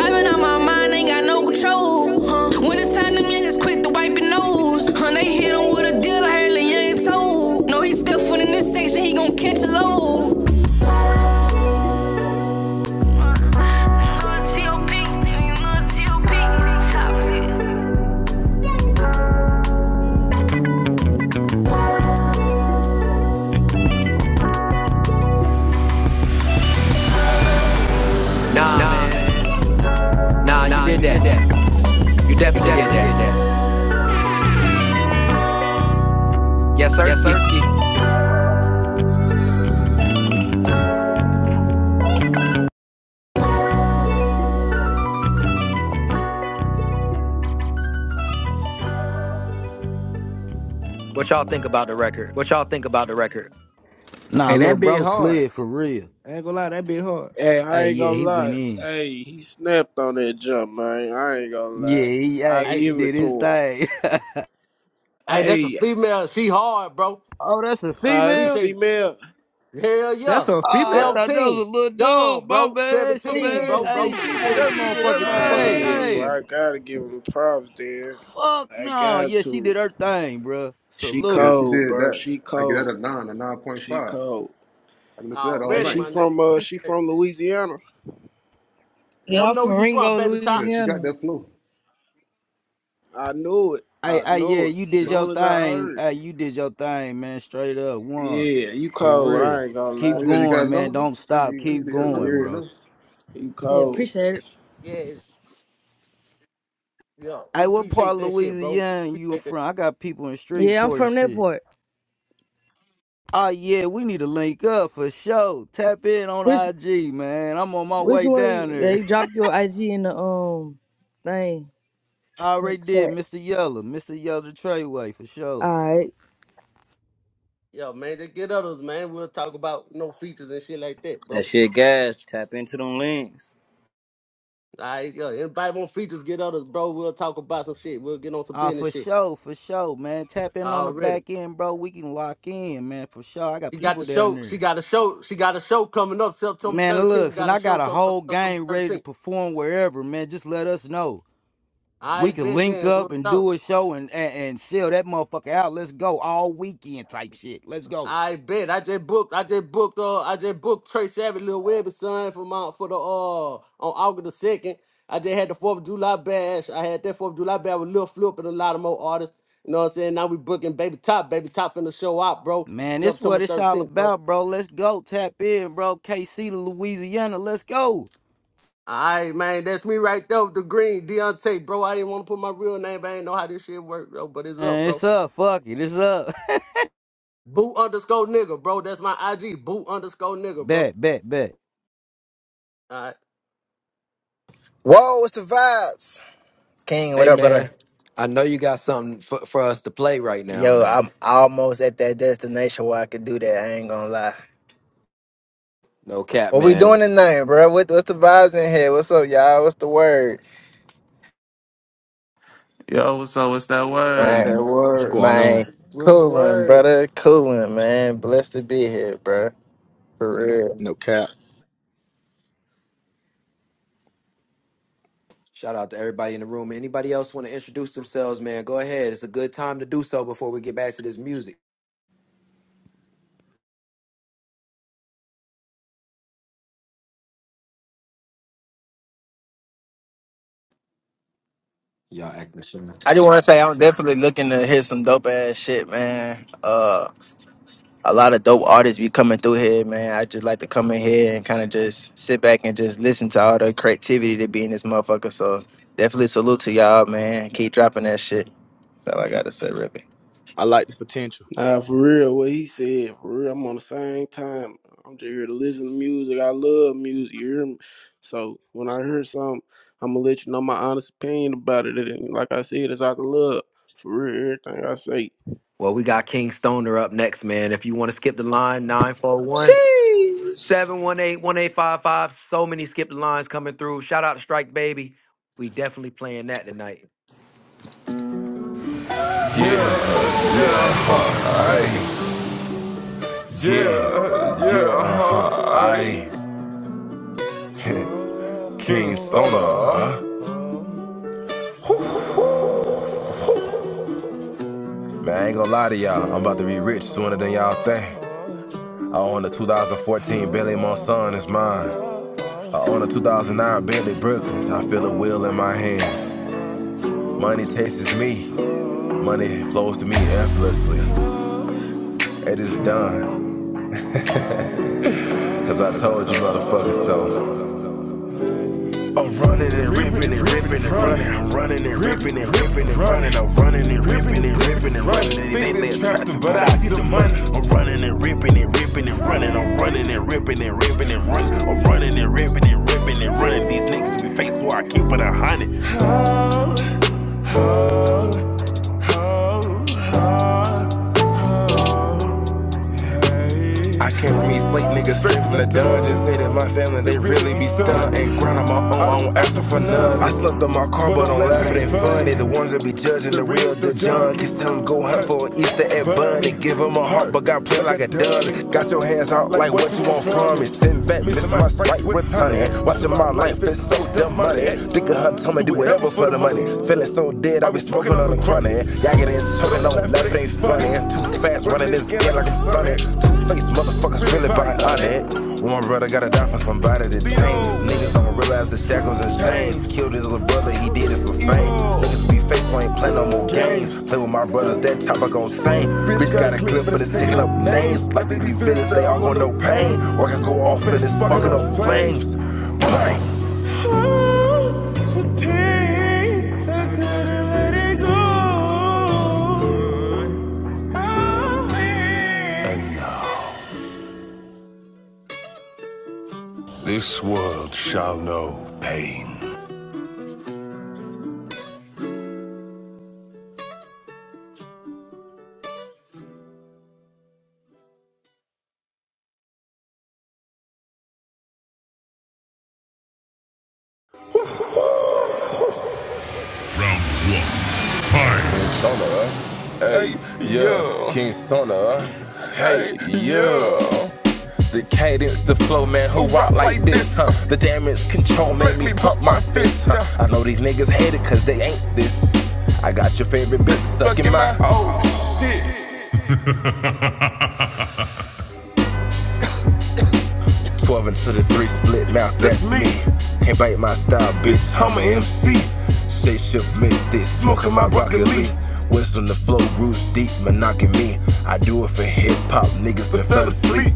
C: (laughs) I been out my mind, ain't got no control. Huh. When it's time, them niggas quick to wipe your nose. Huh. They hit him with a deal, I heard Lil Young told. No, he still foot in this section, he gon' catch a load. Nah,
A: Nah, man.
C: man.
A: Nah, you
C: Nah,
A: did
C: you did
A: that.
C: that.
A: You
C: You
A: definitely did
C: definitely
A: that.
C: did that.
A: Yes,
C: Yes,
A: Sirski.
C: sir.
A: What y'all think about the record?
C: What y'all think about the record?
K: Nah,
E: And
K: little
E: that
K: bro
E: bit hard.
K: slid for real.
E: I ain't gonna lie, that bit hard.
Q: Hey, I
K: Hey,
Q: ain't
K: yeah,
Q: gonna
K: he went
Q: lie.
K: in.
Q: Hey, he snapped on that jump, man. I ain't gonna
K: Yeah,
Q: lie.
K: he,
Q: I
K: hey, he
I: Hey,
Q: give
K: did
Q: it
K: his
Q: to him.
K: thing. (laughs)
I: hey, that's a
Q: Hey,
I: female. She hard, bro.
K: Oh, that's a
Q: uh, that's a
K: female?
I: Appreciate
Q: female.
I: it. Hell
E: That's
I: yeah.
E: a
K: Oh, I
E: female.
K: thought that was a
I: 17.
K: little
I: Young,
K: dude. My
I: bro.
K: bad. She,
I: 17, bro.
K: hey, she did her motherfucking
Q: Uh,
C: Motherfucking
K: thing.
C: Yeah,
Q: yeah, bro. I gotta give him props, there.
K: Fuck
Q: I
K: no.
Q: got
K: Yeah, she
Q: to.
K: did her thing, bruh.
Q: She
G: Oh, Yeah,
K: Salute.
G: she
Q: cold,
G: did
Q: bro.
G: that.
Q: She
G: I get that
Q: cold.
G: a nine, a nine point
Q: She
G: five.
Q: cold.
G: I can listen to that all
Q: Hey,
I: Already,
G: night.
Q: she
I: my nigga.
Q: from uh, she
I: Appreciate it.
Q: from Louisiana.
I: Let
N: Yeah,
I: them
N: I'm
I: know
N: from
I: where you from,
N: Ringo,
I: baby top.
G: Yeah, she got
N: Louisiana.
G: that flow.
Q: I knew it.
K: Hey,
Q: I
K: hey, yeah,
Q: knew it.
K: you
G: Yeah,
K: did
G: she-
K: your
Q: Soon as I heard.
K: thing.
Q: it.
K: Hey, you did your thing, man. Straight up, one
Q: Yeah, you
K: for
Q: cold.
K: real.
Q: I ain't gonna
G: Oh
K: Keep
Q: lie.
G: yeah, you got
K: going,
G: another
K: man.
G: one?
K: Don't
G: I
K: stop.
G: need I need
K: Keep
G: to hear
Q: For
G: another
K: going,
G: one of
Q: real.
K: bro.
G: them.
Q: You
N: Yeah,
Q: cold.
N: appreciate it.
I: Yes. Yeah,
K: Hey,
I: we
K: what part of
I: appreciate that shit, bro. We
K: Louisiana you
I: appreciate that.
K: from? I got people in
N: Yeah, I'm
K: Streetport and
N: from that
K: shit.
N: part.
K: Oh yeah, we need to link up for sure. Tap in on
N: Which
K: IG, man. I'm on my
N: which
K: way
N: one?
K: down
N: You,
K: there.
N: they drop your IG in the um thing
K: I
N: in the
K: already did,
N: chat.
K: Mr. Yeller, Mr. Yeller Treyway for sure.
N: All right,
I: Yeah, man, they get others, man. We'll talk about no features and shit like that, bro.
D: That shit gas. Tap into them links.
I: I yeah, anybody want features, get on us, bro. We'll talk about some shit. We'll get on some
K: Uh, for
I: business shit
K: sure, for sure, man. Tap in on the
I: already.
K: back end, bro. We can lock in, man, for sure. I got
I: She got
K: people
I: the
K: down
I: show. She
K: there.
I: got a show. She got a show coming up September
K: Man,
I: 13th. We
K: look, and
I: got a
K: I got
I: show
K: a
I: coming up
K: whole
I: September
K: gang ready to
I: 13th.
K: perform wherever, man. Just let us know.
I: I
K: We can
I: bet
K: link
I: then
K: up
I: we'll
K: and
I: talk.
K: do a show and, and, and sell that motherfucker out. Let's go. All weekend type shit. Let's go.
I: I bet. I just booked. I just booked. Uh, I just booked Trey Savage, Lil Webby son for my for the uh on August the second. I just had the Fourth of July bash. I had that Fourth of July bash with Lil Flip and a lot of more artists. You know what I'm saying? Now we booking Baby Top. Baby Top finna show up, bro.
K: Man, this
I: September
K: what it's all
I: 13th, bro.
K: about, bro. Let's go. Tap in, bro. KC to Louisiana. Let's go.
I: All right, man, that's me right there with the green Deontay, bro. I didn't want to put my real name, but I ain't know how this shit work, bro. But it's up,
K: Man, it's
I: bro.
K: up. Fuck it. It's up.
I: Boo underscore nigga, bro. That's my IG. Boo underscore nigga, bro.
K: Bet, bet, bet.
I: All right.
S: Whoa, what's the vibes? King, what
A: Hey
S: up, brother?
A: man, I know you got something for, for us to play right now,
S: Yo,
A: man.
S: I'm almost at that destination where I could do that. I ain't gonna lie.
A: No cap,
S: What we doing
A: man.
S: tonight, bro? What, what's the vibes in here? What's up, y'all? What's the word?
F: Yo, what's up? What's that word?
Q: That
S: Man,
O: What's
Q: word.
O: going on?
S: man,
E: What's the
S: coolin',
E: word?
S: brother. Coolin', man. Blessed to be here, bro. For real.
O: No cap.
A: Shout out to everybody in the room. Anybody else want to introduce themselves, man? Go ahead. It's a good time to do so before we get back to this music. Y'all acting sure.
S: I just want to say I'm definitely looking to hit some dope ass shit, man. Uh, a lot of dope artists be coming through here, man. I just like to come in here and kind of just sit back and just listen to all the creativity that be in this motherfucker. So definitely salute to y'all, man. Keep dropping that shit. That's all I gotta say, really.
O: I like the potential.
Q: Nah, for real. What he said, for real. I'm on the same time. I'm just here to listen to music. I love music. You hear me? So when I hear something, I'm gonna let you know my honest opinion about it. And like I said, it's out of love. For real, everything I say.
A: Well, we got King Stoner up next, man. If you want to skip the line, nine four one
D: Sheesh.
A: 718 1855. So many skip the lines coming through. Shout out to Strike Baby. We definitely playing that tonight.
C: Yeah, uh-huh, I King Stoner. huh? Man, I ain't gonna lie to y'all. I'm about to be rich sooner than y'all think. I own a 2014 Bentley Monson, it's mine. I own a 2009 Bentley Brooklyn. I feel a wheel in my hands. Money chases me, supposed to meet with. you. So, I'm running and ripping and ripping and running. I'm running and ripping and ripping and running. I'm running and ripping and ripping and running. They think they attractive, but I see the money. I'm running and ripping and ripping and running. I'm running and ripping and ripping and running. I'm running and ripping and ripping and running. These niggas be faithful, I keep it a hundred. I came from East Lake, niggas straight from the dungeon. Say that my family, they really be stunned. Ain't grind on my own, I don't ask them for none. I slept on my car, but don't laugh it ain't fun. They the ones that be judging the real, the junk. Just tell them go hunt for an Easter egg bun. They give them a heart, but got played like a dun. Got your hands out like what you want from me. Sitting back, missing my sprite with honey. Watching my life, it's so dumb money. Think of hunt, tell me do whatever for the money. Feeling so dead, I be smoking on the chronic. Y'all get in trouble, don't laugh, it ain't funny. Too fast running this game like a am sunny. Think these motherfuckers really about on it. When my brother gotta die for somebody to tame. Niggas don't realize the shackles and chains. Killed his little brother, he did it for fame. Niggas be faithful, ain't play no more games. Play with my brothers, that chopper I gon' sing. Bitch got a clip, but it's taking up names. Like they be villains, they all gon' know pain. Or it's fucking up flames. This world shall know pain. persona. Huh? Cadence the flow, man, who rock like this, huh? The damage control made me pump my fist, huh? Your favorite bitch sucking my oh shit. 12 into the 3 split mouth, that's me. Can't bite my style, bitch, I'm a MC. Shape shift mystic, smoking my broccoli. Whistle on the flow, roots deep, monogamous me. I do it for hip hop niggas that fell asleep.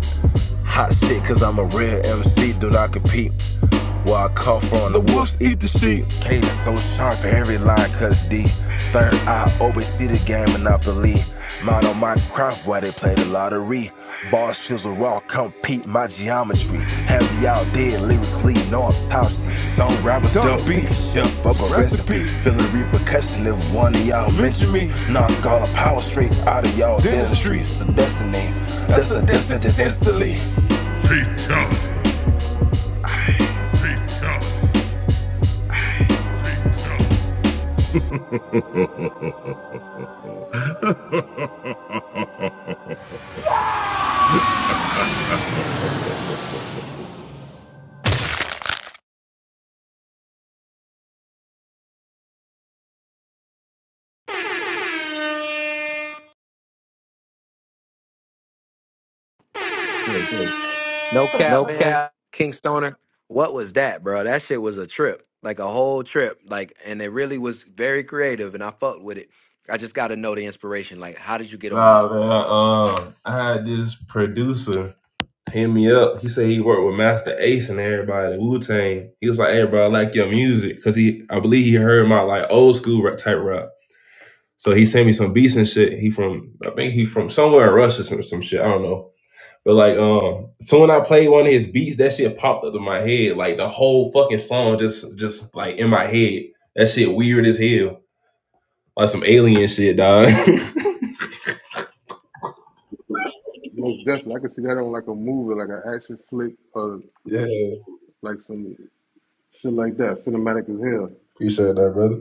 C: Hot shit, cause I'm a real MC, do not compete. Where I come from, the wolves eat the sheep. Cadence so sharp, every line cuts deep. Third eye always see the game monopoly. Mind on my craft while they play the lottery. Bars chisel raw, compete my geometry. Heavy out there, lyrically, no autopsy. Don't rappers Don't dump chef up a Recipe. recipe. Feel the repercussion if one of y'all mention me. Knock all the power straight out of y'all Dentistry. dentistry. It's a destiny. That's a destiny that's instantly. Fatality. Fatality.
A: No
C: No
A: cap, man.
C: cap.
A: King Stoner. What was that, bro? That shit was a trip. Like a whole trip. Like and it really was very creative and I fucked with it. I just gotta know the inspiration. Like, how did you get on
T: Nah,
A: this?
T: man. Um, I had this producer hit me up. He said he worked with Master Ace and everybody at Wu Tang. He was like, "Hey, bro, I like your music," because he, I believe he heard my like old school rap type rap. So he sent me some beats and shit. He from, I think he from somewhere in Russia or some, some shit. I don't know. But like, um, so when I played one of his beats, that shit popped up in my head. Like the whole fucking song just, just like in my head. That shit weird as hell. Like some alien shit, dog. (laughs)
G: Most definitely, I could see that on like a movie, like an action flick, or
T: yeah,
G: like some shit like that. Cinematic as hell.
T: appreciate that, brother.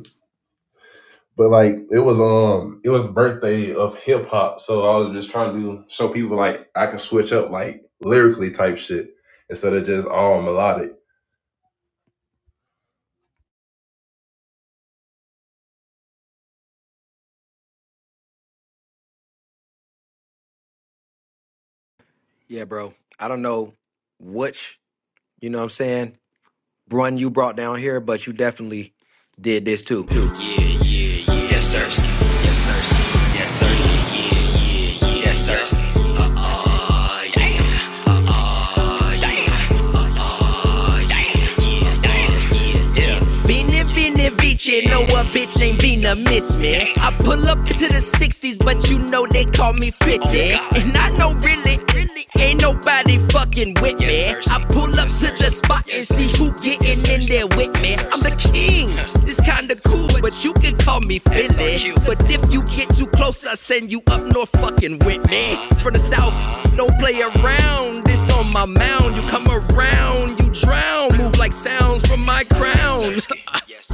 T: But like it was um it was birthday of hip hop, so I was just trying to show people like I can switch up like lyrically type shit instead of just all melodic.
A: Yeah, bro. I don't know which, you know what I'm saying, run you brought down here, but you definitely did this too.
C: It ain't no better. I'm in there with me. I'm the king. This kinda cool, but you can call me Philly. But if you get too close, I send you up north fucking with me. From the south, don't play around. This on my mound. You come around, you drown. Move like sounds from my crown. (laughs)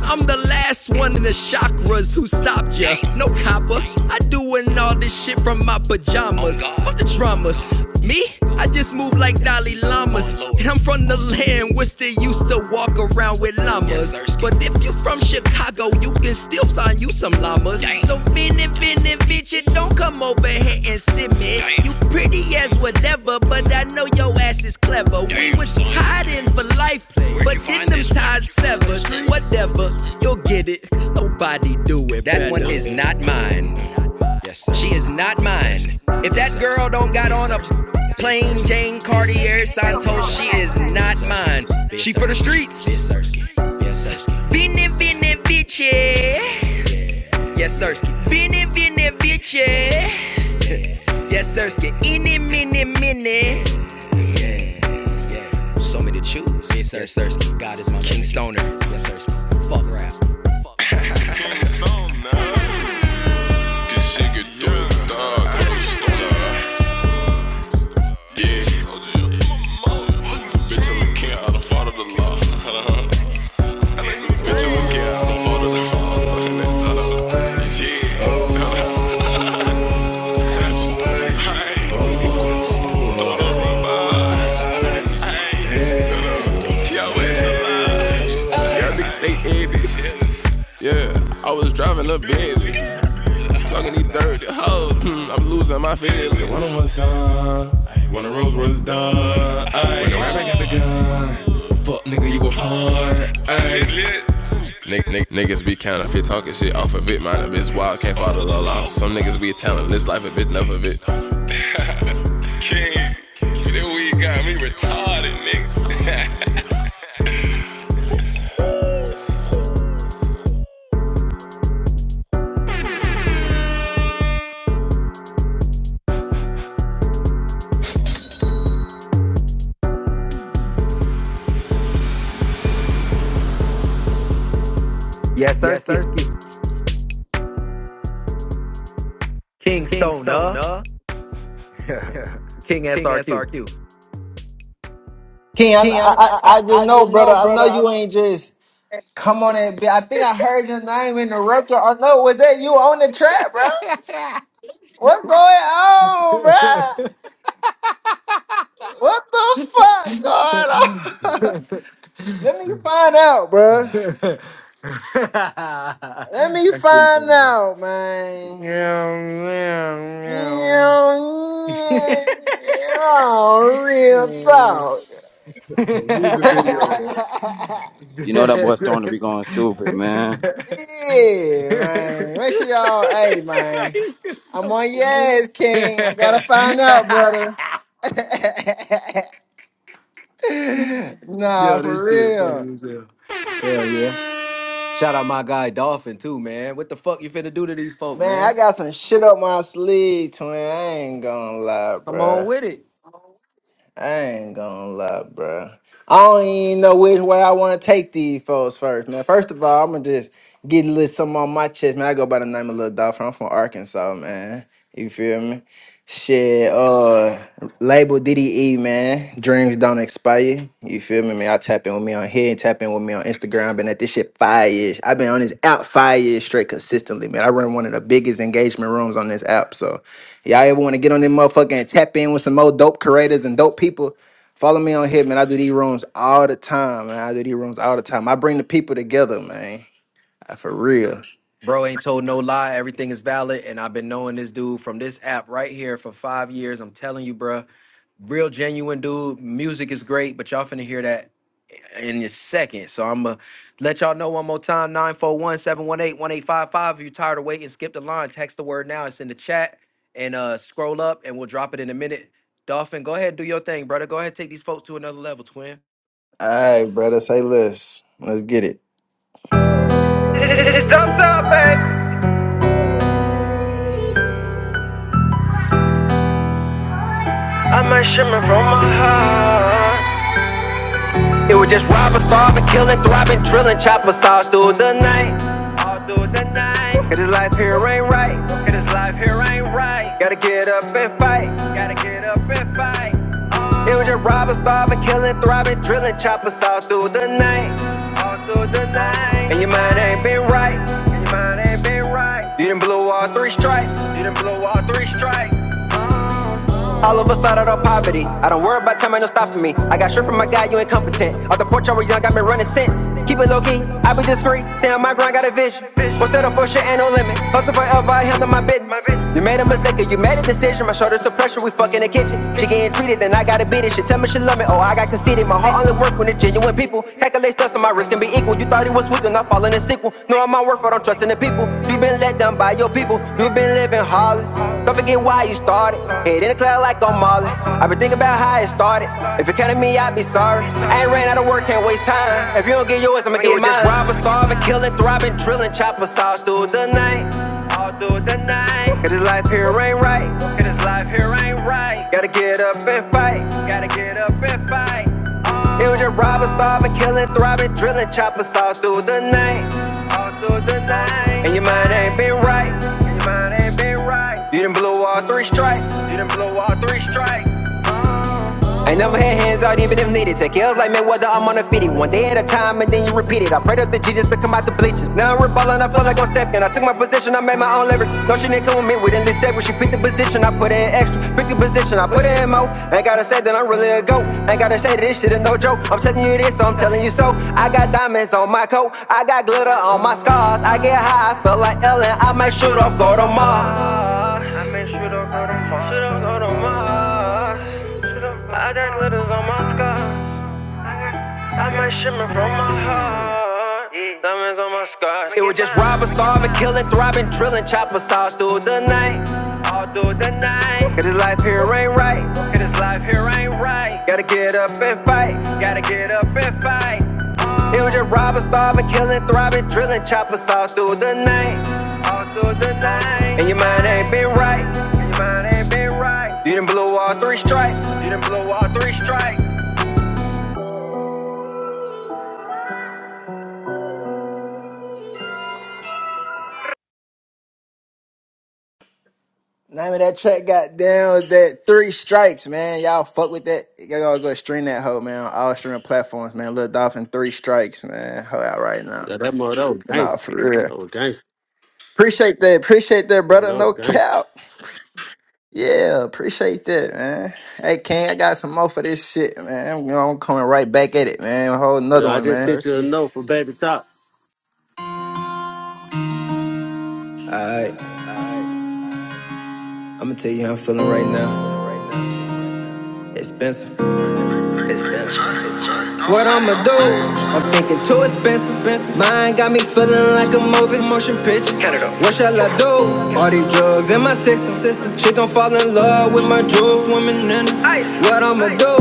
C: I'm the last one in the chakras who stopped ya. No copper. I doing all this shit from my pajamas. Fuck the dramas. Me? I just move like Dalai Lama. Plain Jane
U: Maybe
C: Cartier
U: three o'clock.
C: Santos, she
U: When I go
C: is not mine. She for the streets. Vini, vini, vici. Yes, Sirski. Vini, vini, vici. Yes, Sirski. Ini, mini, mini. So many to choose. Yes, Sirski. God is my King Stoner. Yes, Sirski. Fuck rap. Stoner. This shit get through the dog to the stoner. Yeah. Bitch, I'm a king out of the law. (laughs) Stay in yes. Yeah, I was driving a Benz, talking these dirty hoes. Hmm, I'm losing my feelings. One of my sons, one of Rose was done. Hey, When the rapper got the gun, nigga, you a punk. Niggas be counterfeit, talking shit off of it. Mind a bitch wild, can't follow the law. Some niggas be talentless, life a bitch, never bit.
A: Yes,
C: Yes,
A: Sirski.
C: Sirski.
A: King
C: King Stone,
A: Stoner.
C: uh.
A: (laughs) King
C: King
A: SRQ.
C: SRQ.
S: King, I,
C: King, I,
S: I
C: I,
S: I I
C: I
S: just know,
C: just
S: brother.
C: know,
S: I
C: brother.
S: know
C: I
S: you ain't just come on and be. I think I heard your name in the record. Or no, was that you on the track, bro? What's going on, bro? What the fuck going on? (laughs) Let me
A: (laughs)
S: find out, bro.
A: That's
S: Let me
A: pretty
S: find
A: funny, bro.
S: out, man.
A: Meow, meow,
S: You
A: meow.
S: know, yeah, real talk.
T: Music video, man.
S: (laughs)
D: You know that boy starting to be going stupid, man.
S: yeah, man. Make sure y'all, hey, man. I'm on your ass, King. I gotta find out, brother. (laughs) nah,
A: Yo,
S: for
A: this shit
S: real.
A: funny as hell. Hell yeah. Shout out my guy Dolphin too, man. What the fuck you finna do to these folk,
S: Man, I
A: man?
S: got some shit up my sleeve, twin. I ain't gonna lie,
A: Come on
S: bruh.
A: with it.
S: I ain't gonna lie, bro. I don't even know which way I want to take these folks first, man. First of all, I'm gonna just get a little something on my chest, man. I go by the name of Little Dolphin. I'm from Arkansas, man. You feel me? Shit, uh, label DDE, man. Dreams don't expire. You feel me, man? I tap in with me on here and tap in with me on Instagram. Been at this shit five years. I've been on this app five years straight consistently, man. I run one of the biggest engagement rooms on this app, so Y'all ever want to get on this motherfucker and tap in with some more dope creators and dope people? Follow me on here, man. I do these rooms all the time, man. I do these rooms all the time. I bring the people together, man. Uh, For real.
A: Bro ain't told no lie. Everything is valid. And I've been knowing this dude from this app right here for five years. I'm telling you, bro. Real genuine dude. Music is great, but y'all finna hear that in a second. So I'm going to let y'all know one more time 941 718 1855. If you're tired of waiting, skip the line. Text the word now. It's in the chat. And uh, scroll up, and we'll drop it in a minute. Dolphin, go ahead, do your thing, brother. Go ahead, take these folks to another level, twin.
S: All right, brother. Say less. Let's get it.
V: It's dumb babe. I might shimmer from my heart. It was just robbers, starving, killing, thriving, drilling, choppers all through the night. All through the night. It is life here ain't right. It is life here ain't right. Gotta get up and fight. Gotta get up and fight. It was just robbing, starving, killing, thriving, drilling, choppers all through the night. All through the night. And your mind ain't been right. And your mind ain't been right. You done blew all three strikes. You done blew all three strikes. All of us started on poverty. I don't worry about time, ain't no stopping me. I got shit from my guy, you incompetent. Off the porch, I was young, got me running since. Keep it low key, I be discreet. Stay on my grind, got a vision. Won't settle for shit, ain't no limit. Hustle forever, I handle my business. You made a mistake, or you made a decision. My shoulders are pressure, we fuck in the kitchen. She getting treated, then I gotta beat it. She tell me she love me, oh, I got conceited. My heart only work when it's genuine people. Accolades stuff on my wrist can be equal. You thought he was sweet, and I'm falling in sequel. No, I'm my worth, but I'm trusting the people. You been let down by your people. You been living hollis. Don't forget why you started. Head in the cloud like I'm Marley. i been thinking about how it started. If it counted me, I'd be sorry. I ain't ran out of work, can't waste time. If you don't get yours, I'ma get mine. Just robbing, starving, killing, thriving, drilling, choppers all through the night. through the night. Cause this life here ain't right. Cause this life here ain't right. Gotta get up and fight. Gotta get up and fight. It was just robbing, starving, killing, throbbing, drilling, choppers all through the night. All through the night. And your mind ain't been right. And your mind ain't been right. You done blew all three strikes. You done blew all three strikes. I never had hands out even if needed. Take L's like Mayweather, I'm on a fitty. One day at a time and then you repeat it. I prayed up to Jesus to come out the bleachers. Now I'm reballing, I feel like I'm stepping. I took my position, I made my own leverage. No, she didn't come with me, we didn't accept when She picked the position, I put in extra. Picked the position, I put in more. Ain't gotta say that I'm really a goat. Ain't gotta say that this shit is no joke. I'm telling you this, so I'm telling you so. I got diamonds on my coat, I got glitter on my scars. I get high, I feel like Ellen, I might shoot off, go to Mars. I may Shoot off, go to Mars. I got glitters on my scars. I might shimmer from my heart. Yeah. Diamonds on my scars. It was just robbing, starving, killing, thriving, drilling, choppers all through the night. all through the night. Cause this life here ain't right. Cause this life here ain't right. Gotta get up and fight. Gotta get up and fight. It was just robbing, starving, killing, thriving, drilling, choppers all through the night. All through the night. And your mind ain't been right. And your mind ain't been right. You done blew all three strikes. You done blew all three strikes.
S: Name of that track, goddamn, is that Three Strikes, man. Y'all fuck with that. Y'all go stream that hoe, man. On all streaming platforms, man. Lil Dolphin, Three Strikes, man. Hoe out right now.
I: Yeah, that mother that was
S: Nah,
I: gangster.
S: for real.
I: That was gangster.
S: Appreciate that. Appreciate that,
I: Yeah,
S: brother.
I: that
S: No
I: was gangster.
S: cap. Yeah, appreciate that, man. Hey, King, I got some more for this shit, man. You know, I'm coming right back at it, man. A whole another
I: Yeah, I
S: one,
A: Yes,
I: just
S: man.
I: sent you a
A: sirski.
I: note for baby top.
V: Alright, I'ma tell you how I'm feeling right now. Expensive. Expensive. What I'ma do? I'm thinking too expensive, expensive. Mine got me feeling like a movie, motion picture. What shall I do? All these drugs in my system, system. She gon' fall in love with my jewel, woman in ice. What I'ma do?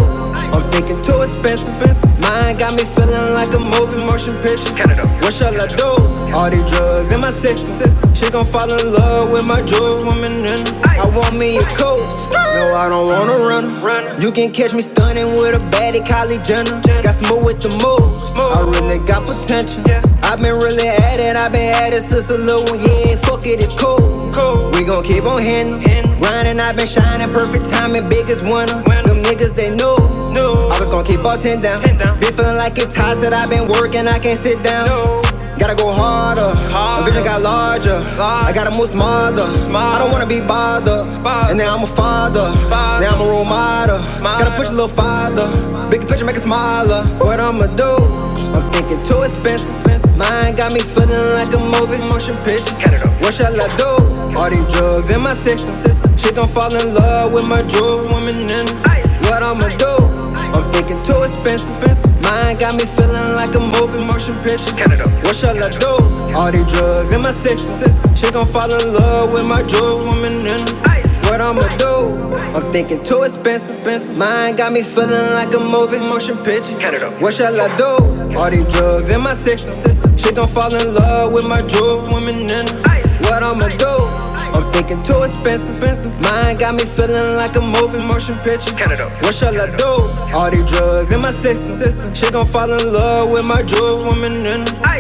V: I'm thinking too expensive, expensive. Mine got me feeling like a movie, motion picture. What shall I do? All these drugs in my system, system. She gon' fall in love with my jewels, woman in. I want me a coat. No, I don't wanna run. Runner. You can catch me stunning with a baddie, Kylie Jenner. Got smooth with your moves. I really got potential. I've been really at it, I've been at it since a little one. Yeah, fuck it, it's cool. We gon' keep on hitting. Grinding, I've been shining, perfect timing, biggest winner. Them niggas, they know. I was gon' keep all 10 down. Been feeling like it's hot that I've been working, I can't sit down. Gotta go harder. My vision got larger. I gotta move smarter. I don't wanna be bothered. And now I'm a father. Now I'm a role model. Gotta push a little farther. Big picture, make it smaller. What I'ma do? I'm thinking too expensive. Mine got me feeling like a movie motion picture. What shall I do? All these drugs in my system. She gon' fall in love with my jewelry woman in. it. What I'ma do? I'm thinking too expensive. Mine got me feeling like a moving motion picture. What shall I do? All these drugs in my system. She gon' fall in love with my jewel woman in her. What I'ma do? I'm thinking too expensive. Mine got me feeling like a moving motion picture. What shall I do? All these drugs in my system. She gon' fall in love with my jewel woman in her. What I'ma do? I'm thinking too expensive, expensive. Mine got me feeling like a moving motion picture. What shall I do? All these drugs in my system. system. She gon' fall in love with my drugs, woman in her.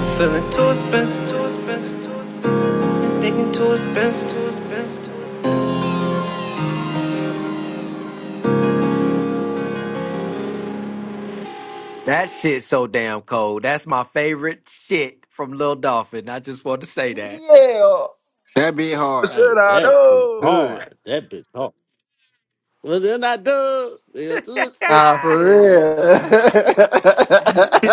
V: I'm feeling too expensive. I'm thinking too expensive.
A: That shit so damn cold. That's my favorite shit from Lil Dolphin. I just want to say that.
S: Yeah.
E: That bit hard.
T: Should
I: Hey,
T: I
I: that bitch
T: know?
E: Hood.
I: hard. That bitch hard. Was it not done? Yeah, too
A: (laughs)
I: spit.
S: Nah, for
I: Yeah,
S: real.
I: hard.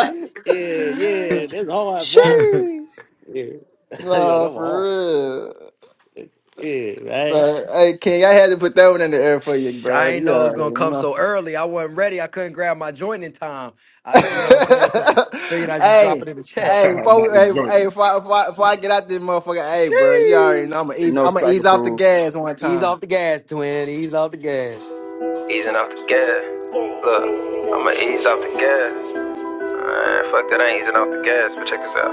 I: yeah, yeah. That's hard, right?
D: Sheesh.
I: Yeah, (laughs)
S: (laughs)
I: yeah,
S: nah,
I: that
S: for
I: was
S: real.
I: hard. Yeah, right.
S: But, hey, King, I had to put that one in the air for you,
A: I
S: bro.
A: ain't
S: You
A: know it was gonna
S: already
A: come
S: know.
A: so early. I wasn't ready. I couldn't grab my joint in time. I, you know what I'm saying? So figured
S: (laughs)
A: I'd just drop
S: hey.
A: it in the chat.
S: Hey,
G: (laughs)
S: before
G: Not
S: we,
G: the
S: hey,
G: joint.
S: hey, before, I- before, I- before I get out this
D: Sheesh.
S: motherfucker, hey, bro, you already
D: You
S: know I'm gonna ease,
D: know
S: I'm gonna
D: strike
S: ease off the
D: approved.
S: gas one
A: Ease
S: time.
A: off the gas, twin. Ease off the gas.
V: Easing off the gas. Look, I'ma ease off the gas. Man, fuck that, I ain't easing off the gas, but check this out.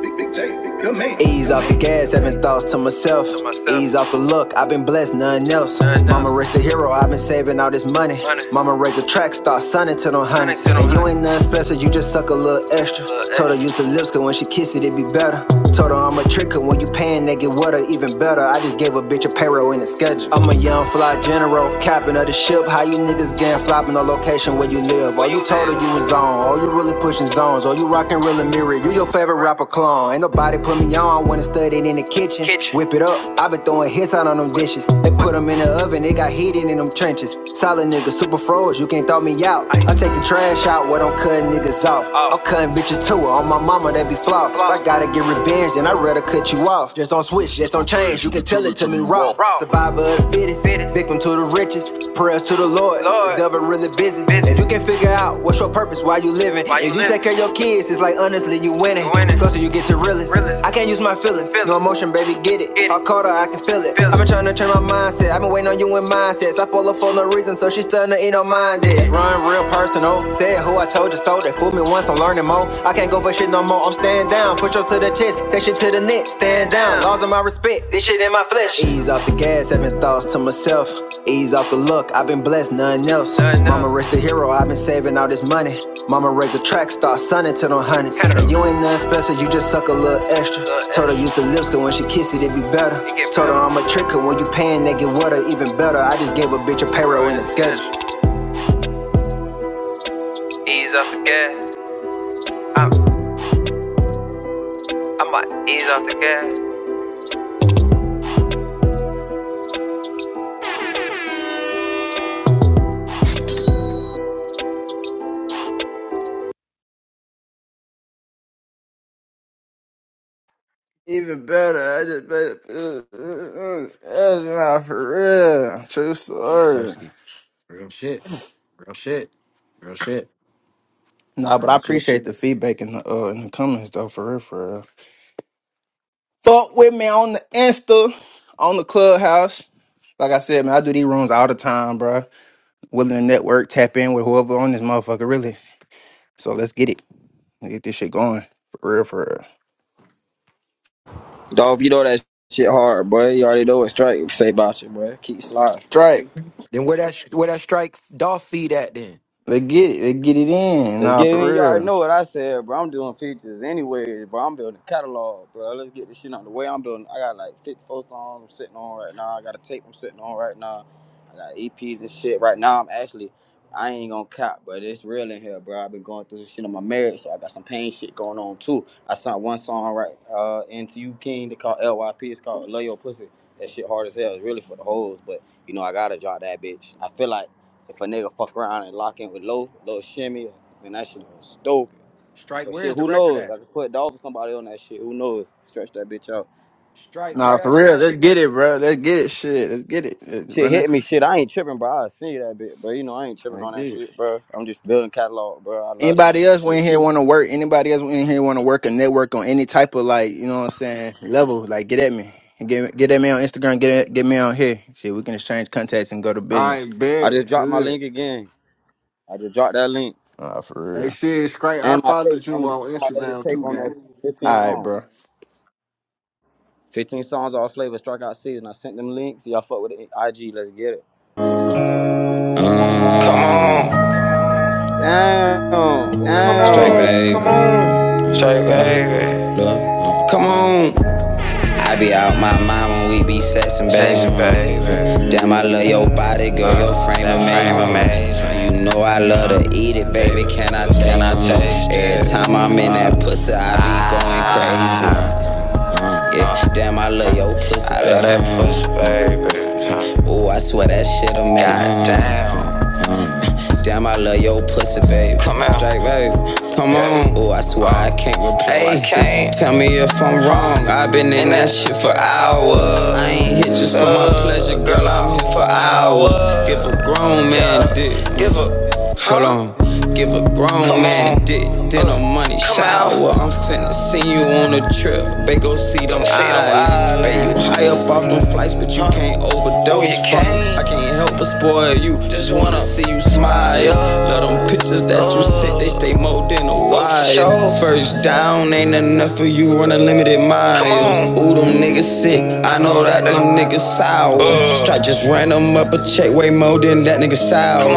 V: Big, big, big J, good man. Ease off the gas, having thoughts to myself. To myself. Ease off the look, I've been blessed, nothing else. None Mama raised a hero, I've been saving all this money. Money. Mama raised a track star, son to them honeys. And you ain't nothing special, you just suck a little extra. A Little Told her use her lips, cause when she kiss it, it be better. Told her I'm a tricker, when you paying, they get water, even better. I just gave a bitch a payroll in the schedule. I'm a young fly general, captain of the ship. How you niggas gang flopping no location? destination where you live. All you told her you was on. All you really pushing zones. All you rocking real and mirror. You your favorite rapper clone. Ain't nobody put me on. I wanna stud it in the kitchen. kitchen. Whip it up. I been throwing hits out on them dishes. They put them in the oven. They got heated in them trenches. Solid nigga, super froze. You can't throw me out. I take the trash out where I'm cutting niggas off. I'm cutting bitches too. On my mama, they be flop. I gotta get revenge, then I would rather cut you off. Just don't switch, just don't change. You can tell it to me mentally raw. Raw. Survivor of the fittest, victim to the richest. Prayers to the Lord. The devil really busy. If you can figure out what's your purpose, why you living, if you take care of your kids, it's like honestly you winning. Closer you get to realest. I can't use my feelings. No emotion, baby, get it. Get I caught her, I can feel it. I've been trying to change my mindset. I've been waiting on you in mindsets. I follow for no reason, so she's starting to eat on mine. Run real personal. Said who I told you so. They fooled me once, I'm learning more. I can't go for shit no more, I'm stand down. Push up to the chest, take shit to the neck, stand down. Laws of my respect, this shit in my flesh. Ease off the gas, having thoughts to myself. Ease off the look, I've been blessed, nothing else. None Mama raised the hero, I've been saving all this money. Mama raised a track star, sonning to them hundreds. And you ain't nothing special, you just suck a little extra. Told her use the lips, cause when she kiss it, it be better. Told her I'm a tricker, when you paying, they get wetter, even better. I just gave a bitch a payroll in the schedule. Ease off the gas. I'm, I might ease off the gas.
S: Even better, I just made it. That's not for real. True
A: Yeah,
S: story.
A: Sirski. Real shit. Real shit. Real shit.
S: Nah, but
A: Real
S: I
A: shit.
S: appreciate the feedback in the uh, in the comments though, for real, for real. Fuck with me on the Insta, on the Clubhouse. Like I said, man, I do these rooms all the time, bro. Willing to network, tap in with whoever on this motherfucker, really. So let's get it. Let's get this shit going, for real, for real.
D: Dolph, you know that shit hard, boy. You already know what strike say about you, boy. Keep sliding.
S: Strike.
A: Then where that where that strike Dolph feed at then?
S: Let's get it. Let's get it in.
D: Let's
S: Nah,
D: get it
S: for
D: in. You already
S: real.
D: know what I said, bro. I'm doing features anyway, bro. I'm building a catalog, bro. Let's get this shit out of the way. I'm building. I got like 54 songs I'm sitting on right now. I got a tape I'm sitting on right now. I got EPs and shit right now. I'm actually, I ain't gonna cop, but it's real in here, bro. I've been going through some shit on my marriage, so I got some pain shit going on too. I sent one song right uh into you, King. They call LYP. It's called Love Your Pussy. That shit hard as hell. It's really for the hoes, but you know I gotta drop that bitch. I feel like if a nigga fuck around and lock in with low, low shimmy, or Man, that shit was stupid.
A: Strike,
D: But
A: where
D: shit,
A: is the
D: who
A: record
D: knows?
A: at?
D: I could put a dog or somebody on that shit. Who knows? Stretch that bitch out.
A: Strike, where
S: Nah, for
A: that shit
S: real.
A: at?
S: Let's get it, bro. Let's get it. Shit, let's get it. Let's
D: Shit
S: run
D: hit
S: that.
D: me. Shit, I ain't tripping, bro. I see that bitch, bro. You know I ain't tripping
S: I
D: on that
S: did.
D: shit, bro. I'm just building catalog, bro. I love the
S: Anybody
D: music
S: else went
D: shit.
S: in here want to work? Anybody else went in here want to work a network on any type of like, you know what I'm saying, level? Like, get at me. Get get at me on Instagram. Get at, get me on here. Shit, we can exchange contacts and go to
E: I
S: business.
D: I
E: bet.
D: just dropped my
E: Hood.
D: link again. I just dropped that link
S: Uh, for
E: Hey,
S: real.
E: shit, it's great. I
D: and my tape
E: followed
D: and
E: you
D: the link
E: on
D: to my latest
E: Instagram
D: tape
E: too,
D: on
E: gang.
D: that. too. 15
S: All right, bro.
D: songs. 15 songs all flavor strikeout season. I sent them links. Y'all fuck with the IG. Let's get it.
C: know.
D: Damn. Come on.
C: Nah, damn, I love your pussy, baby. Come out. Straight, baby. Mm. Oh, I swear I can't replace I can't. it. Tell me if I'm wrong. I've been in that shit for. I ain't here just for my pleasure, girl. I'm here for hours. Give a grown man dick. Give a Grown man dick. No money shower. I'm finna see you on the island. Baby, overdose. from- I can't help but spoil you. Just wanna see you smile. Love them pictures that you sent. They stay more than a while. Sure. First down ain't enough Limited miles, ooh them Nick, I know that's sour. Strike just ran them up a nigga sour.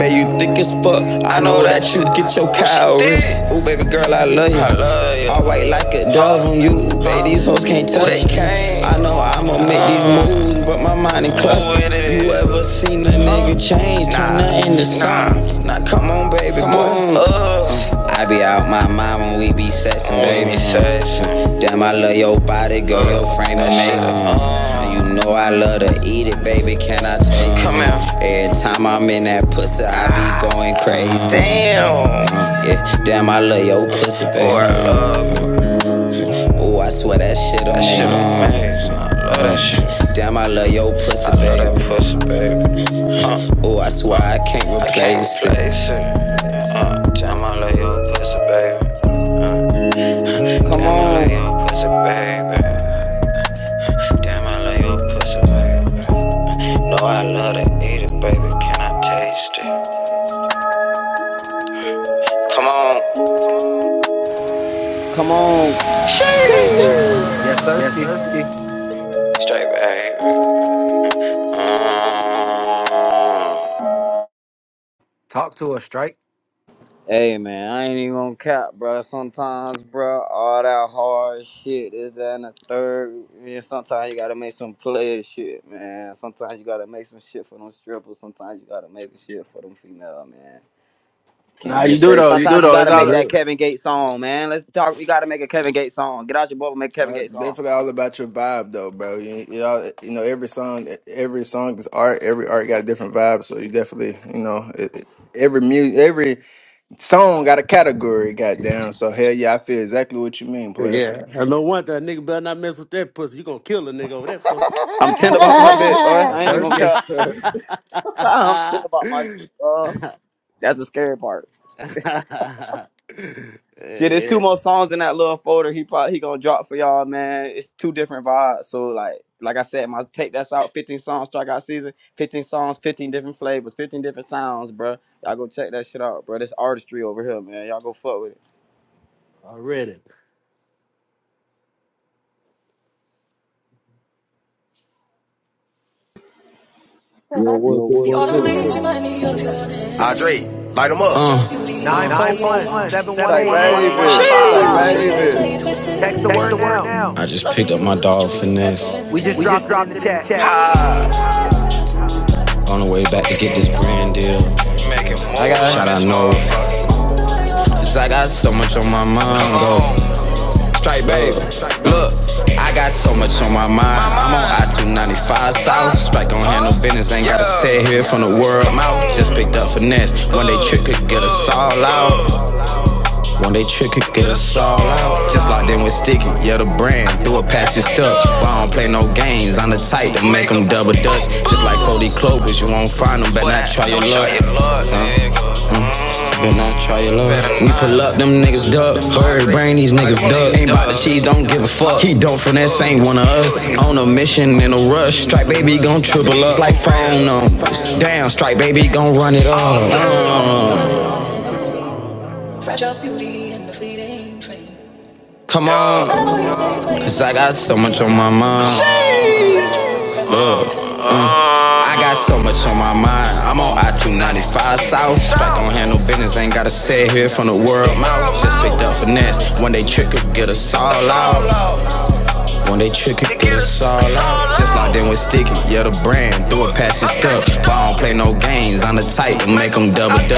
C: Man, you thick as fuck, I know that you get your calories. Ooh, baby girl, I love you. All white like a dove on you, baby, these hoes can't touch you. I know I'ma make these moves, but my mind in clusters. You ever change, turn nothing to something. Now come on, baby, boom. I be out my mind when we be sexing, baby. Damn, I love your body, girl, your frame and make You know I love to eat it, baby. Can I take time? I'm in that world. Ooh, I swear that shit on him. I love you, baby. Face.
D: Come on.
A: Yes,
C: Yes,
A: Sirski.
C: Earthy.
A: Talk to us, strike.
D: Hey man, I ain't even gonna cap, bro. Sometimes, bro, all that hard shit is that and the third. Yeah, sometimes you gotta make some player shit, man. Sometimes you gotta make some shit for them strippers. Sometimes you gotta make shit for them female, man. Can't
S: Nah,
D: be
S: you do
D: afraid.
S: though. You do
D: Sometimes you
S: though. It's
D: gotta make
S: all
I: Yeah.
D: that Kevin Gates song, man. Let's talk. We gotta make a Kevin Gates song. Get out your boat and make a Kevin
S: well,
D: Gates song.
S: definitely all about your vibe though, bro. You you, all, you know every song, every song is art. Every art got a different vibe. So you definitely, you know, it, it- every music, every song got a category. Goddamn. So hell yeah, I feel exactly what you mean, player.
I: Yeah, I know one thing. Nigga better not mess with that pussy. You gonna kill a nigga over that pussy.
D: I'm
E: (laughs)
D: ten about my bit,
E: that
D: bro. I
A: Yes,
I: (laughs)
D: ain't even gonna
A: Sirski.
D: cap.
T: (laughs)
D: (laughs) I'm ten about my shit, bro. That's the scary part.
I: yeah,
D: Shit, there's two
I: yeah,
D: more songs in that little folder. He probably he gonna drop for y'all, man. It's two different vibes. So like, like I said, my tape that's out. 15 songs, strikeout season. 15 songs, 15 different flavors, 15 different sounds, bro. Y'all go check that shit out, bro. This artistry over here, man. Y'all go fuck with it.
I: already.
W: Yo, what do what do?
C: Andre, light him up. Uh,
A: Nine four one seven one
D: Strike,
A: eight one eight five
D: baby.
A: five. Text the
C: Text
A: word
C: the word
A: now.
C: now.
A: We just
C: We just
A: dropped it in
C: dropped
A: the
C: it in the
A: chat.
C: chat. I got shot, I know. Cause I got so much on my mind, go. Strike, baby. Look, got so much on my mind. I'm on I 295 South. Strike on handle business, ain't gotta sit here from the world mouth. Just for One day trick could get us all out. One day trick could get us all out. Just locked in with Sticky, yeah, the brand. Through a patch and stuff. But I don't play no games. I'm the type to make them double dutch. Just like Foley Clovers, you won't find them. Better not try your luck. Huh? Better not try your luck. We pull up, them niggas duck. Baby's life on. Damn, strike 'em. Fragile Cause I got so much on my mind. I got so much on my mind. I'm on I 295 South. Strike don't handle business. Ain't hit the finesse. It's all out. It's all out. Yeah, the bro play no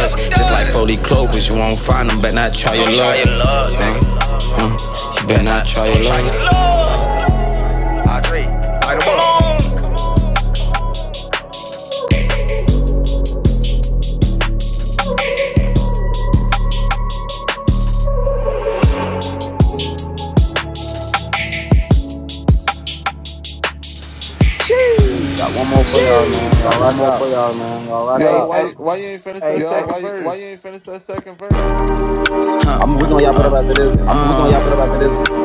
C: guess. Just be clear. Try your luck, man. Mm, You better not try your luck.
D: Sheesh. Got one more for y'all, man. Y'all rock out.
F: Yo,
S: Hey,
F: why
S: hey,
F: you- why you ain't finished
C: Hey,
F: that
C: Yo, why
F: second
C: you?
F: verse?
D: I'm we gonna y'all better after this one.
C: Uh,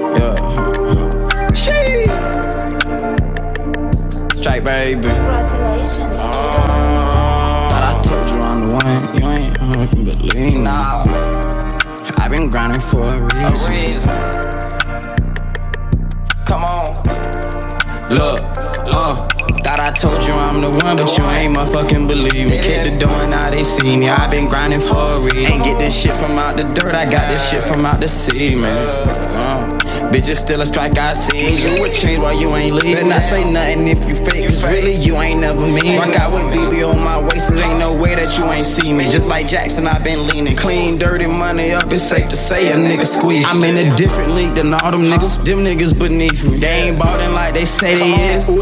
C: yeah, strike baby. Congratulations. Thought I told you I'm the one. You ain't uh, can believe now. I've been grinding for a reason. Look, uh, thought I told you I'm the one, but you ain't motherfucking believe me. Kick the door and now they see me. i been grinding for a reason. Ain't get this shit from out the dirt, I got this shit from out the sea, man. Uh, bitches still a strike, I see. Better not say nothing, niggas really you mean. Rock out with beef, ain't no way. Just like them niggas beneath me. They ain't ballin' like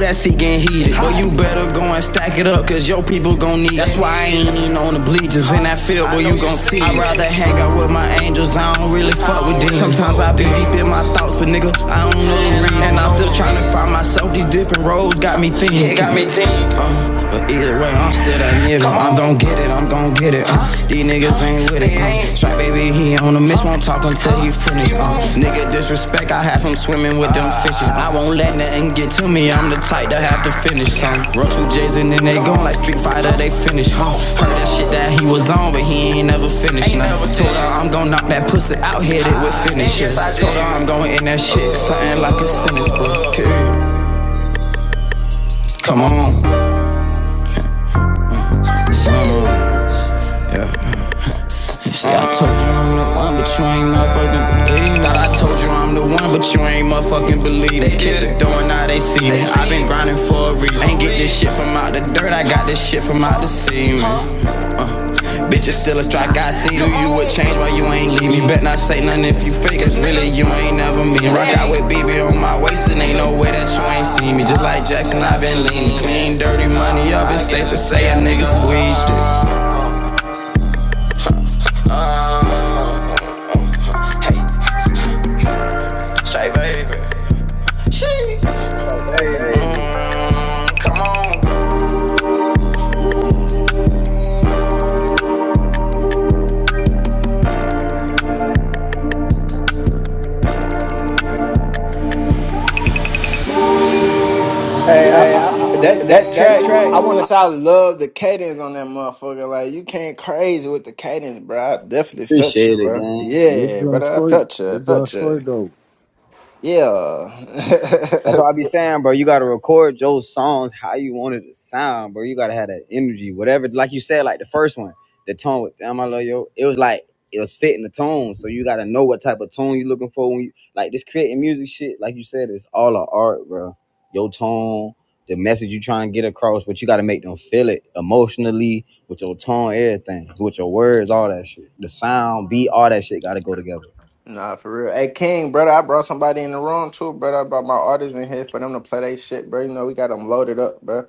C: That's he getting heated. Well, you better go and stack it up, cause your people gon' need it. That's why I ain't even on the bleachers in that field where you gon' see. it. I'd rather hang out with my angels, I don't really fuck with demons. Sometimes I got me, uh, but either way, I'm still giving. I don't get it, I'm with it. Uh, try finish, uh, Nick, I have him swimming with them fishes. I won't let nothing get to me, I'm the type that have to run to her. That shit that home, but he never. uh, I'm gon' knock that pussy out, hit it with finishes. I told her I'm going in that shit, something like a sentence But Period. Come on. Come on. Yeah. See, I told you I'm the one, but you ain't motherfucking believe. Thought I told you I'm the one, but you ain't motherfucking believe. They get the door, and now they see me. I've been grinding for a reason. Ain't get this shit from out the dirt, I got this shit from out the sea, Bitches still a spin, I s- really, you ain't mean. Rock out with BB, I'm safe to say a nigga squeezed it. Straight baby.
D: Strike, baby.
S: hey I, I, I- that
C: That
S: that
C: that
S: track,
C: track
S: I want to say I love the cadence on that motherfucker. Like you came crazy with the cadence, bro. I definitely felt you,
D: Appreciate it,
S: bro.
D: gang.
W: We're
S: Yeah,
W: doing
S: brother, I
W: straight.
S: felt you, I
W: We're doing
S: felt you.
W: straight though.
D: That's
S: Yeah.
D: what I be saying, bro. You gotta record your songs how you want it to sound, bro. You gotta have that energy, whatever. Like you said, like the first one, the tone with "Damn I Love You," it was like it was fitting the tone. So you gotta know what type of tone you looking for when you like this creating music shit. Like you said, it's all an art, bro. Your tone, the message you trying to get across, but you gotta make them feel it emotionally with your tone, everything, with your words, all that shit. The sound, beat, all that shit gotta go together.
S: (laughs) nah, for real. Hey, King, brother, I brought somebody in the room too, brother. I brought my artists in here for them to play they shit, bro. You know we got them loaded up, bro.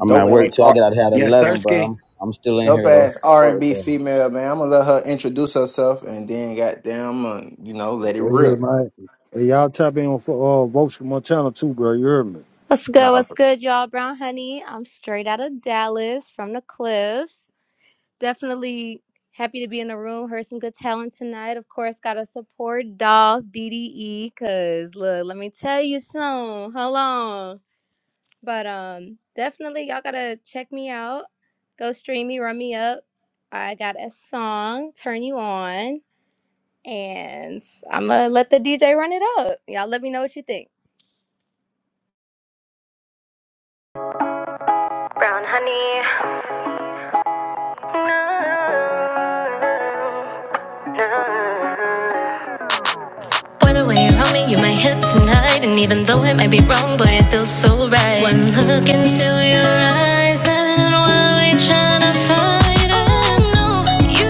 D: I'm
S: Dope
D: at work too. I
S: ass,
D: get out here at
A: Yes,
D: eleven, bro.
A: Sirski.
D: I'm, I'm still in
S: Dope
D: here though.
S: ass R
D: Fuck
S: and
D: with
S: B
D: that.
S: female, man. I'm gonna let her introduce herself and then goddamn uh, you know, let it
W: Right here,
S: rip.
W: man. Hey, y'all tap in on uh, votes from Montana too, bro. You heard me.
X: What's good?
S: Nah,
X: What's good, y'all? Brown Honey. I'm straight out of Dallas from the cliff. Definitely happy to be in the room. Heard some good talent tonight. Of course, gotta support Dolph DDE. Cause look, let me tell you soon. How long? But um, definitely y'all gotta check me out. Go stream me, run me up. I got a song, Turn You On. And I'ma let the DJ run it up. Y'all let me know what you think.
V: Brown honey. Boy, the way you hold me, you are my hips and hide. And even though it might be wrong, boy, it feels so right. One look into your eyes, and what we tryna find? Oh no, you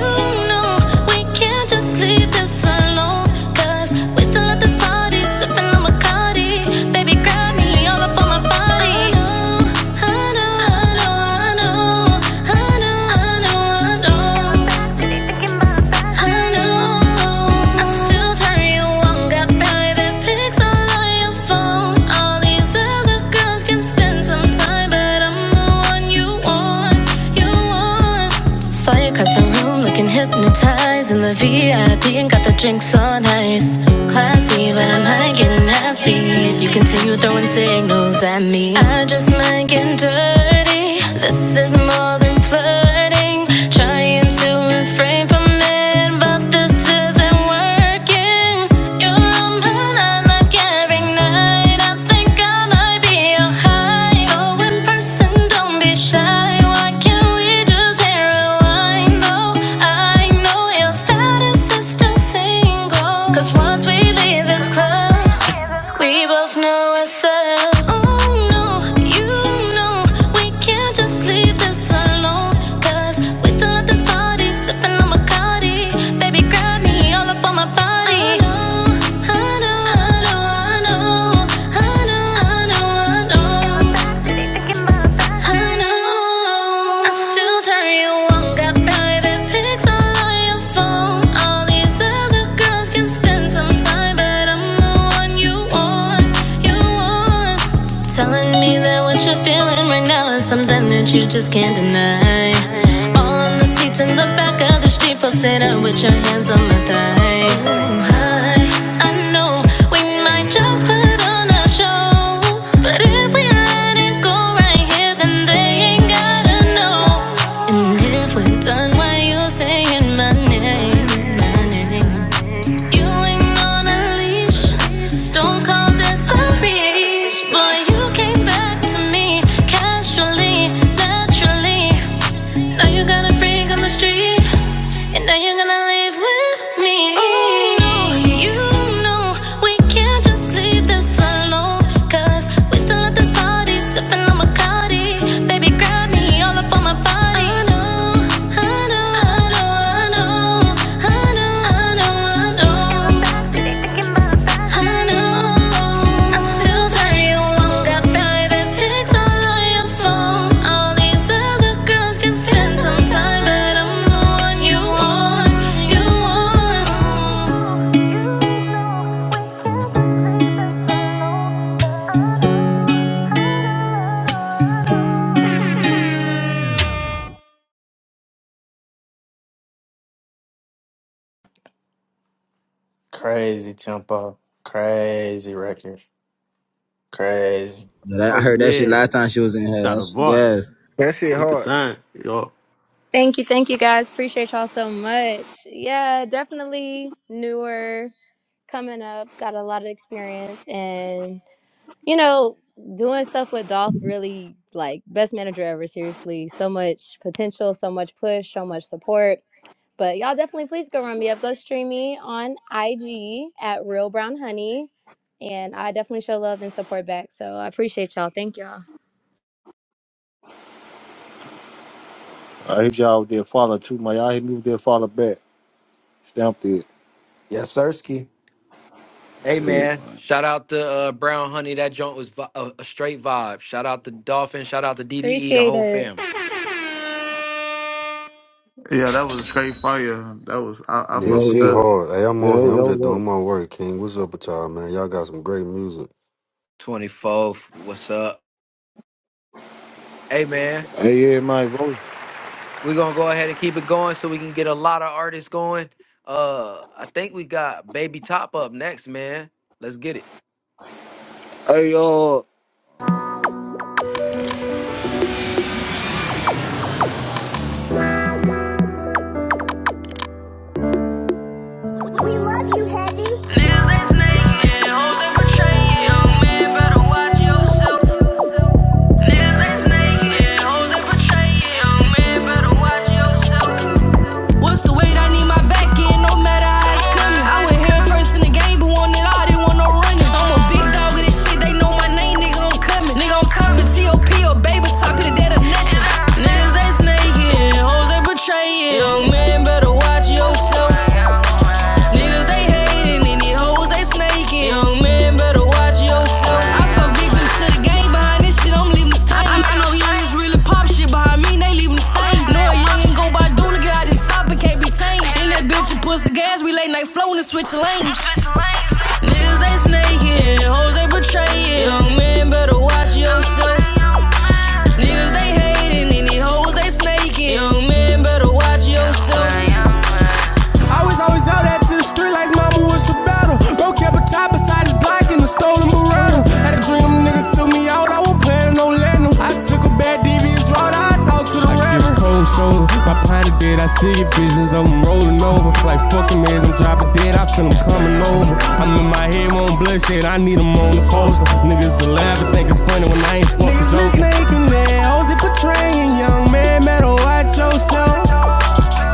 V: know, we can't just leave this alone. 'Cause we still at this party, sipping on Bacardi. Baby, grab me all up on my body. I know, I know, I know, I know, I know, I know. I know. Hypnotized in the VIP and got the drinks on ice. Classy, but I'm high getting nasty. If you continue throwing signals at me, I just might get dirty. This is more than flirting. Trying to refrain from it, but this isn't working. You're on my line like every night. I think I might be your high. So person, don't be shy. Why can't we just rewind? Though I know your status is still single. 'Cause once we leave this club. We both know I settled. Oh no, you know we can't just leave this alone. 'Cause we still at this party, sipping on Bacardi. Baby, grab me all up on my body. I know, I know, I know, I know, I know, I know. I know. I know. I still turn you on. Got private pics on your phone. All these other girls can spend some time, but I'm the one you want. You want. Telling me that what you're feeling right now is something that you just can't deny. All on the it's in the back of the street, posted up with your hands on my thigh. Ooh, hi. I know we might just put on a show, but if we let it go right here, then they ain't gotta know. And if we're done, why you saying my name, my name? You ain't on a leash. Don't call this a reach, boy. You came back to me casually, naturally. Now you got a freak on the street. And now you're gonna live with me. Oh, no, you know we can't just leave this alone. Cause we still at this party, sipping on Bacardi. Baby, grab me all up on my body. I know, I know, I know, I know, I know, I know, I know. Time, but I'm the one you want, you want.
S: crazy tempo, crazy record, crazy.
D: But I
I: Oh
D: I heard that shit
I: yeah,
D: last time she was in here.
I: got a
D: That shit
I: voice.
D: gas.
E: shit
I: You can
E: hard.
I: sign, yo.
X: Thank you, thank you guys. Appreciate y'all so much. Yeah, definitely newer, coming up, got a lot of experience and you know, doing stuff with Dolph really like best manager ever, seriously. So much potential, so much push, so much support. But y'all definitely please go run me up. Go stream me on IG at Real Brown Honey. And I definitely show love and support back. So I appreciate y'all. Thank y'all.
W: I hit y'all with their follow too, man. Y'all hit me with their follow back. Stamped it.
A: Yes, Sirski. Hey,
W: Yeah,
A: man.
W: man.
A: Shout out to uh, Brown Honey. That joint was vi- a, a straight vibe. Shout out to Dolphin. Shout out to DDE, the
X: Appreciate
A: whole
X: it.
A: fam.
F: Yeah, that was straight fire. That was I, I
Y: Yeah,
F: fuck
W: Yo,
F: with
Y: she
F: that.
W: yo,
Y: hard. Hey, I'm on here.
W: yo,
Y: I'm
W: yo,
Y: just
W: yo.
Y: doing my work, King. What's up with y'all, man? Y'all got some great music.
A: 24th. What's up? Hey, man.
W: Hey, yeah, man. Vote.
A: We're going to go ahead and keep it going so we can get a lot of artists going. Uh, I think we got Baby Top up next, man. Let's get it.
W: Hey, uh.
C: What's the weight? I need my back end, no matter how it's coming. I went here first in the game, but wanted all, they want no running. I'm a big dog in this shit, they know my name, nigga, I'm coming. Nigga, I'm top of TOP or baby, top of the dead or nothing. Niggas, they snaking, hoes, they betraying. Young man, better watch yourself. Niggas, they hating, and these hoes, they snaking. Young man, better watch yourself. I felt victim to the game. Behind this shit, I'm leaving the stain. I, I I know youngins really pop shit behind me, they leaving the stain. Know a youngin' go by doing to get out his top and can't be tamed. And that bitch who puts the gas, we late night flowin' and switch lanes. Niggas they snaking, hoes they betraying. Young man better watch yourself. Niggas they hating, any hoes they snaking. Young man better watch yourself. Plan no letting them. I took a bad devious route, I talk to the river. I give a cold shoulder, my pint of dead, I still get visions of them rolling over. Like fucking man, I'm dropping dead, I feel them coming over. I'm in my head, won't bloodshed, I need them on the poster. Niggas to laugh and think it's funny when I ain't fucking joking. Niggas been joking. snaking their hoes, they portraying young man, better watch yourself.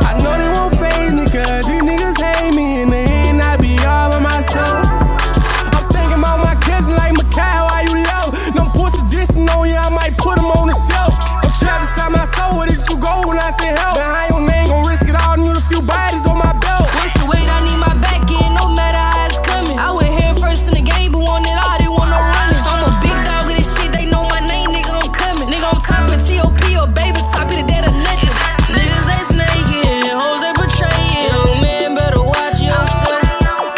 C: I know they won't phase me, cause these niggas hate me, and they ain't I be all by myself. I'm thinking about my Watch the weight, I need my back in, no matter how it's coming. I went head first in the game, but wanted all, they want no running. I'm a big dog in this shit, they know my name, nigga, I'm coming. Nigga, I'm top of TOP or baby, top of the dead or nothing. Niggas, they snaking, hoes, they betraying. Young man, better watch yourself.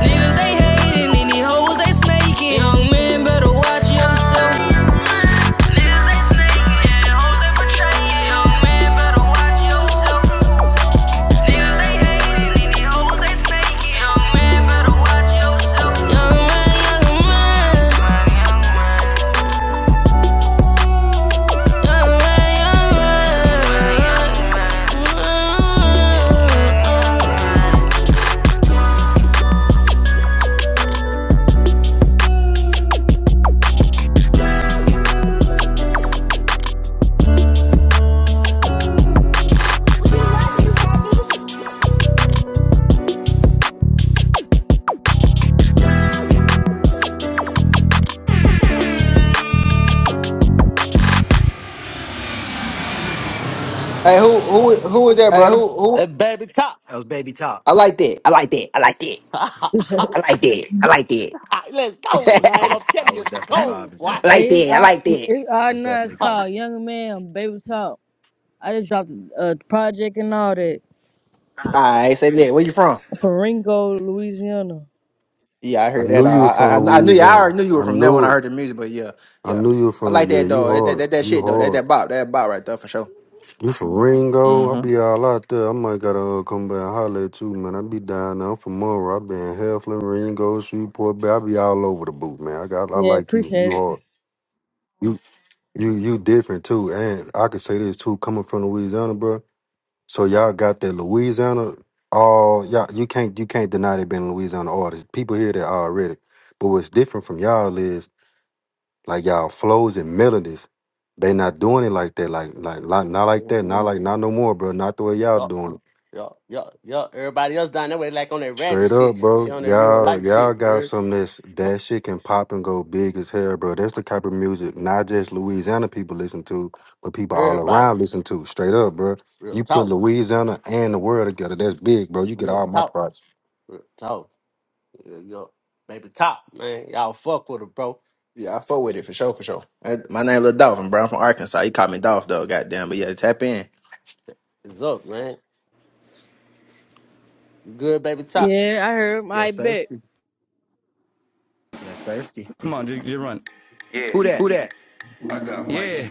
C: Niggas, they hating, and these hoes, they snaking. Young man, better watch yourself. They snaking, hoes, they betraying. Young man, better watch yourself. They hating, and these hoes, they snaking. Young man,
S: Hey, who who who was that, brother?
I: Hey, baby, top.
A: That was Baby Top.
S: I like that. I like that. I like that.
I: (laughs)
N: appreciate it.
S: I like that. I like
I: Let's
A: I
I: go,
S: that.
A: was I
I: man. I'm
A: was I
I: telling you,
A: was
I: she
A: definitely
I: cold.
A: vibing to
I: What?
S: (laughs)
A: that.
N: Hey,
S: like
N: It's
S: that. I
N: our
S: like that.
N: it's our
A: That's
N: now. It's
A: definitely gold.
N: called Young Man Baby Talk. I just dropped a project and all that
S: All right, say that. Where you from?
N: from Ringo, Louisiana.
S: Yeah, I
Y: I
S: heard that.
Y: knew
S: Uh,
Y: you were from
S: I, I I knew you. I
Y: Louisiana.
S: already knew you were
Y: I
S: from there when
Y: knew
S: I
Y: it.
S: heard the music. But yeah,
Y: I
S: yeah,
Y: knew you were
S: I
Y: from.
S: like
Y: Yeah,
S: that
Y: you
S: though. That that,
Y: hard.
S: that, that
Y: You
S: shit though. That
Y: hard.
S: that bop. That bop right there for sure.
Y: You from Ringo?
S: Mm-hmm.
Y: I'll be all out there. I might gotta uh, come back and holler at you, man. I be down there. I'm from Murray. I be in Heflin, Ringo, Shreveport. Bay. I be all over the booth, man. I got. I
N: Yeah,
Y: like you.
N: appreciate
Y: You
N: it.
Y: hard. You you you different too. And I can say this too, coming from Louisiana, bro. So y'all got that Louisiana. Oh, y'all, you can't you can't deny they been Louisiana artists. People hear that already. But what's different from y'all is like y'all flows and melodies. They not doing it like that. Like like like not like that. Not
I: Yo,
Y: like not no more, bro. Not the way y'all doing. it.
I: yo, yo, yo. (laughs) Everybody else down that way, like on that ratchet
Y: Straight up,
I: shit.
Y: bro.
I: She on that real
Y: Y'all,
I: life
Y: y'all
I: shit. you
Y: got
I: heard?
Y: some that's
I: Yo,
Y: that shit can pop and go big as hell, bro. That's the type of music not just Louisiana people listen to, but people all
I: Everybody,
Y: around listen to. Straight up, bro.
I: real
Y: You put
I: talk,
Y: Louisiana and the world together, that's big, bro. You get
I: real
Y: all my
I: talk.
Y: parts.
I: So, yo, baby top, man. Y'all fuck with her, bro.
S: Yeah, I fuck with it for sure, for sure. Uh, My name Lil Dolphin, bro. I'm from Arkansas. You call me Dolph though, goddamn. But yeah, tap in.
I: It's up, man. You good, baby top?
N: Yeah, I heard. I
A: Yes,
N: bet.
A: Sirski. Yes, Sirski.
C: Come on, just, just run.
A: Who
C: Who
A: that?
C: that? Yeah,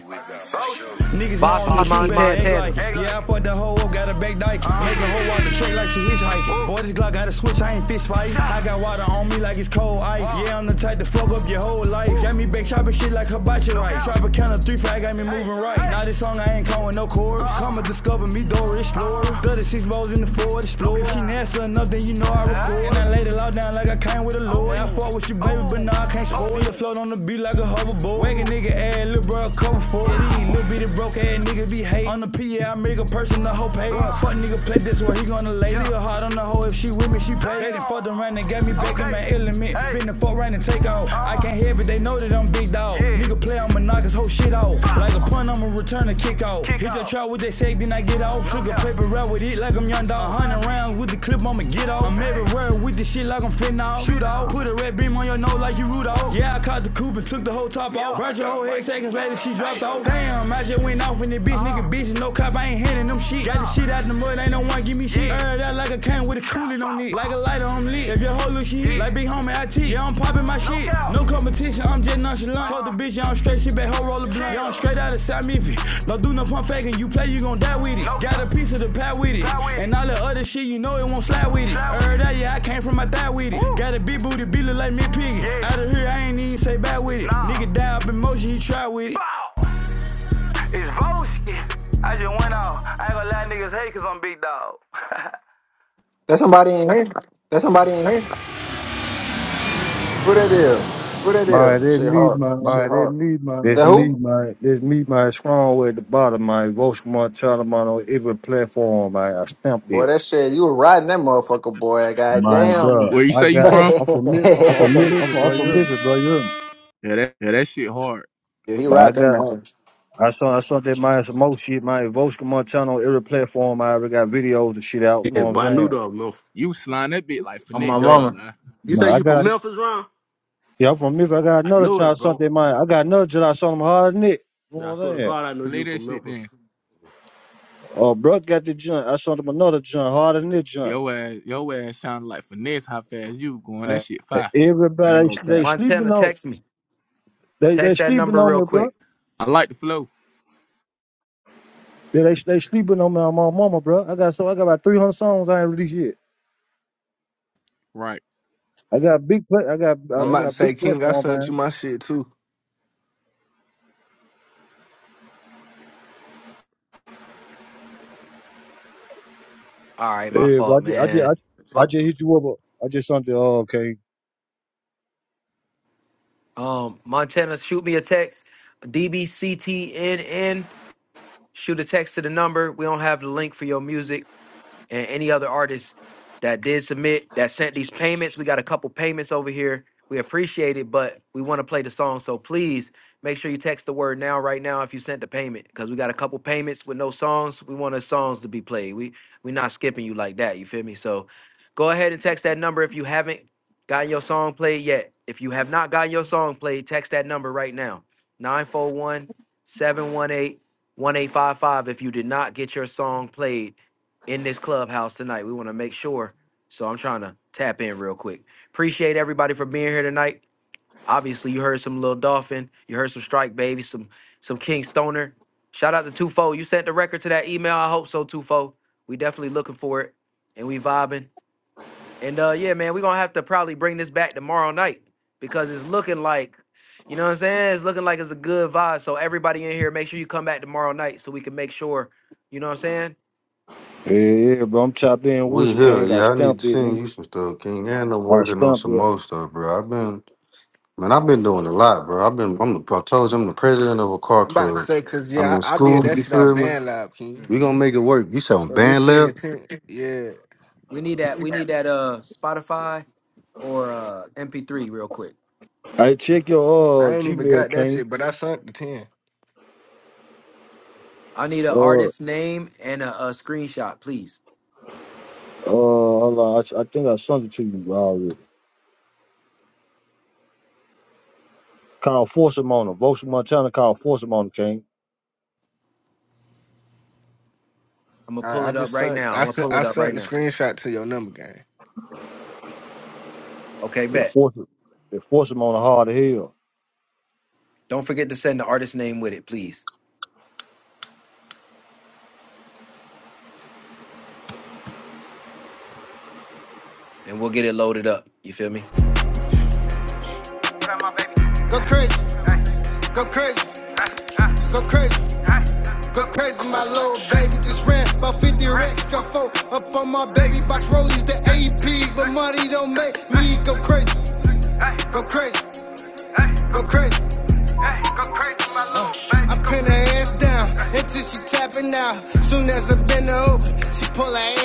C: niggas know I'm the
A: Bosky
C: truth, better
A: Montana.
C: Montana. act like it. Yeah, I fucked the hoe up, got a back dyke. Make a hoe out the tray like she hitchhiking. Boy, this Glock got a sway. Ice, yeah, I'm the type. That shit like hibachi right. Trap a count of three flag, got me moving right. Now this ain't calling no chords. Come a discover, explorer, the explorer. She nasty enough, then you know I record. And I laid a lot of lord. I fought with your baby, but now I can't spoil it. Float on the beat like a Make a nigga add little bro come for it. These little bit nigga be hate. On the PA, I make a person the whole pay. Fuck nigga play this way. he Hey, when she pay. They done fucked them, make me back okay. in my element. Fin know that all. This whole shit out. He rapping with the clip, I'ma get out with the shit. Yeah, I cop out. Rap the whole bitch, uh-huh. nigga beat. Got the shit earned. Cool it long. And I out it. Nigga down.
S: That's somebody in here. Who that is?
W: Man, this
S: Shit
W: me,
S: hard.
W: man. This
S: That
W: me,
S: who?
W: man. This me, man. Strong way at the bottom, man. Votes from Montana, man. On every platform, man. I stamped
S: Boy,
W: it.
S: that shit. You were riding that motherfucker, boy.
W: Man,
S: Goddamn.
W: bro.
O: Where you
W: I
O: say you
S: (laughs)
W: got.
S: yeah,
O: from?
W: I'm from Memphis. I'm from, I'm from Memphis, bro. You heard me?
C: Yeah, that
O: Yeah, that shit hard.
S: he
W: But I
S: ride that
W: got,
S: motherfucker.
W: I saw, I saw that my some more shit, my Vox Montano, every platform. I already got videos and shit out. You know
I: Yeah,
W: what I'm
I: but I knew
W: saying?
I: though, Memphis.
O: You slime that bit like
S: On my
O: finesse. I ain't
I: Yo,
S: mama.
O: gonna lie.
I: you
W: But
I: say
W: I
I: you from
W: got,
I: Memphis, Ron?
W: yeah, I'm from Memphis. I got
I: I
W: another
I: knew it,
W: child,
I: bro.
W: something mine. I got another child, I saw him hard than it. You know
I: Yeah, I
W: what
I: swear
W: I'm
I: to
W: saying?
I: God, I knew
O: Play
I: you
O: that
I: from
O: shit then.
I: Memphis.
W: Oh, bro, got the junk. I saw them another junk, harder than this junk.
O: Your ass, your ass sounded like finesse how fast you was going. That
W: Hey,
O: shit fire. I ain't
W: Everybody,
O: gonna
W: they
O: cap.
W: sleeping
A: Montana,
W: on,
A: text me.
W: they they
A: Text that
W: sleeping
A: number
W: on
A: real
W: me, bro.
A: quick.
O: I like the flow.
W: They they, they sleeping on me on my mama, bro. I got so I got about 300 songs I ain't released yet.
O: Right.
W: I got big, pla- I got,
E: I'm
W: I
E: about to
W: got big
E: say, King, I
W: platform, man.
E: sent you my shit too.
A: All right, my
W: Yeah, but I
A: fault,
W: just, I just, I,
A: man.
W: ju- I
A: Vo-
W: just hit you up. uh, I just something. Oh, okay.
A: Um, Montana, shoot me a text. DBCTNN. Shoot a text to the number. We don't have the link for your music. and any other artists that did submit that sent these payments. We got a couple payments over here. We appreciate it, but we want to play the song. So please make sure you text the word now, right now, if you sent the payment, because we got a couple payments with no songs. We want the songs to be played. We we're not skipping you like that. You feel me? So go ahead and text that number if you haven't gotten your song played yet. If you have not gotten your song played, text that number right now. 941 718 1855. if you did not get your song played in this clubhouse tonight. We want to make sure. So I'm trying to tap in real quick. Appreciate everybody for being here tonight. Obviously, you heard some Lil Dolphin, you heard some Strike Baby, some some King Stoner. Shout out to Tufo. You sent the record to that email. I hope so, Tufo. We definitely looking for it, and we vibing. And uh, yeah, man, we gonna have to probably bring this back tomorrow night because it's looking like, you know what I'm saying? It's looking like it's a good vibe. So everybody in here, make sure you come back tomorrow night so we can make sure, you know what I'm
W: Yeah, yeah, bro. I'm chopped in
Y: We
W: with you,
Y: here,
W: King. I
Y: yeah. I need to
W: stamped it,
Y: send
W: nigga.
Y: you some stuff, King. And I'm
W: I
Y: working on
W: stamped
Y: some
W: it.
Y: more stuff, bro. I've been, man, I've been doing a lot, bro. I've been, I'm, the, I told you, I'm the president of a car
E: I'm about to
Y: club.
E: say, cause
Y: I'm
E: yeah,
Y: in
E: I, I
Y: school.
E: did that
Y: You
E: shit out
Y: feel me?
E: band lab, King.
Y: We
A: saying?
Y: gonna make it work. You sound
E: So this
Y: band
E: shit in
Y: lab.
E: the ten, yeah.
A: We need that. We need that. Uh, Spotify or uh MP3 real quick.
W: Hey, check your
E: I
W: uh
E: ain't even
W: Gmail,
E: got that
W: King.
E: shit, but I sent the ten.
A: I need an
W: Uh, uh,
A: artist name and a, a screenshot, please.
W: hold on. I, s- I think I sent it to you already. Call Force Montana. Vote Montana. Call Force Montana, King.
A: I'm gonna pull
E: I, I
A: it up
E: just
A: right
E: sent.
A: now. I'm
E: I
A: gonna
E: sent.
A: pull
E: I
A: it up right
E: sent the
A: now.
E: screenshot to your number, gang.
A: Okay,
W: They
A: bet.
W: force, they force him on the hard hill.
A: Don't forget to send the artist name with it, please, and we'll get it loaded up. You feel me?
C: Tell my baby. Go crazy, Hey, go crazy, uh, uh, go crazy, uh. go crazy. My little baby just ran about 50 racks. drop four up on my baby box rollies, the AP. But money don't make me go crazy, Hey, go crazy, hey, go crazy. hey, go crazy, my little baby. I pin her ass down until she tapping out. Soon as I bend her over,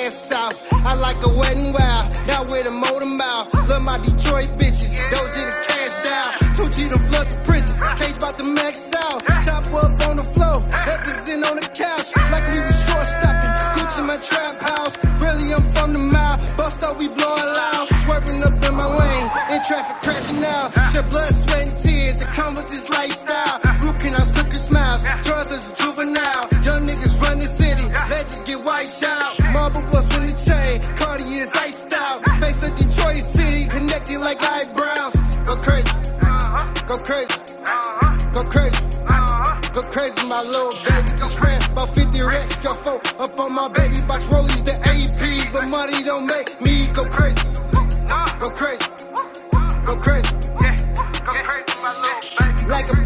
C: head south. I like a wet and wild, not with a motor mouth. Love my Detroit bitches, those in the cash out. Two G to flood the prisons, cage about the max out. Chop up on the floor, heavens in on the couch. Like we was short stopping, Gucci in my trap house. Really, I'm from the mile, bust up, we blowin' loud. Swerving up in my lane, in traffic crashing out. Shed blood, sweat, and tears that come with this lifestyle. Root canals, crooked smiles, drugs as a juvenile. Young niggas run the city, legends get wiped out. Cartier's iced out. Face of Detroit City, connected like eyebrows. Go crazy, crazy, go crazy, go crazy. My little baby just ran about 50 racks. Got four up on my baby box rollies, the AP. But money don't make me go crazy, go crazy, go crazy. Yeah, go crazy, my little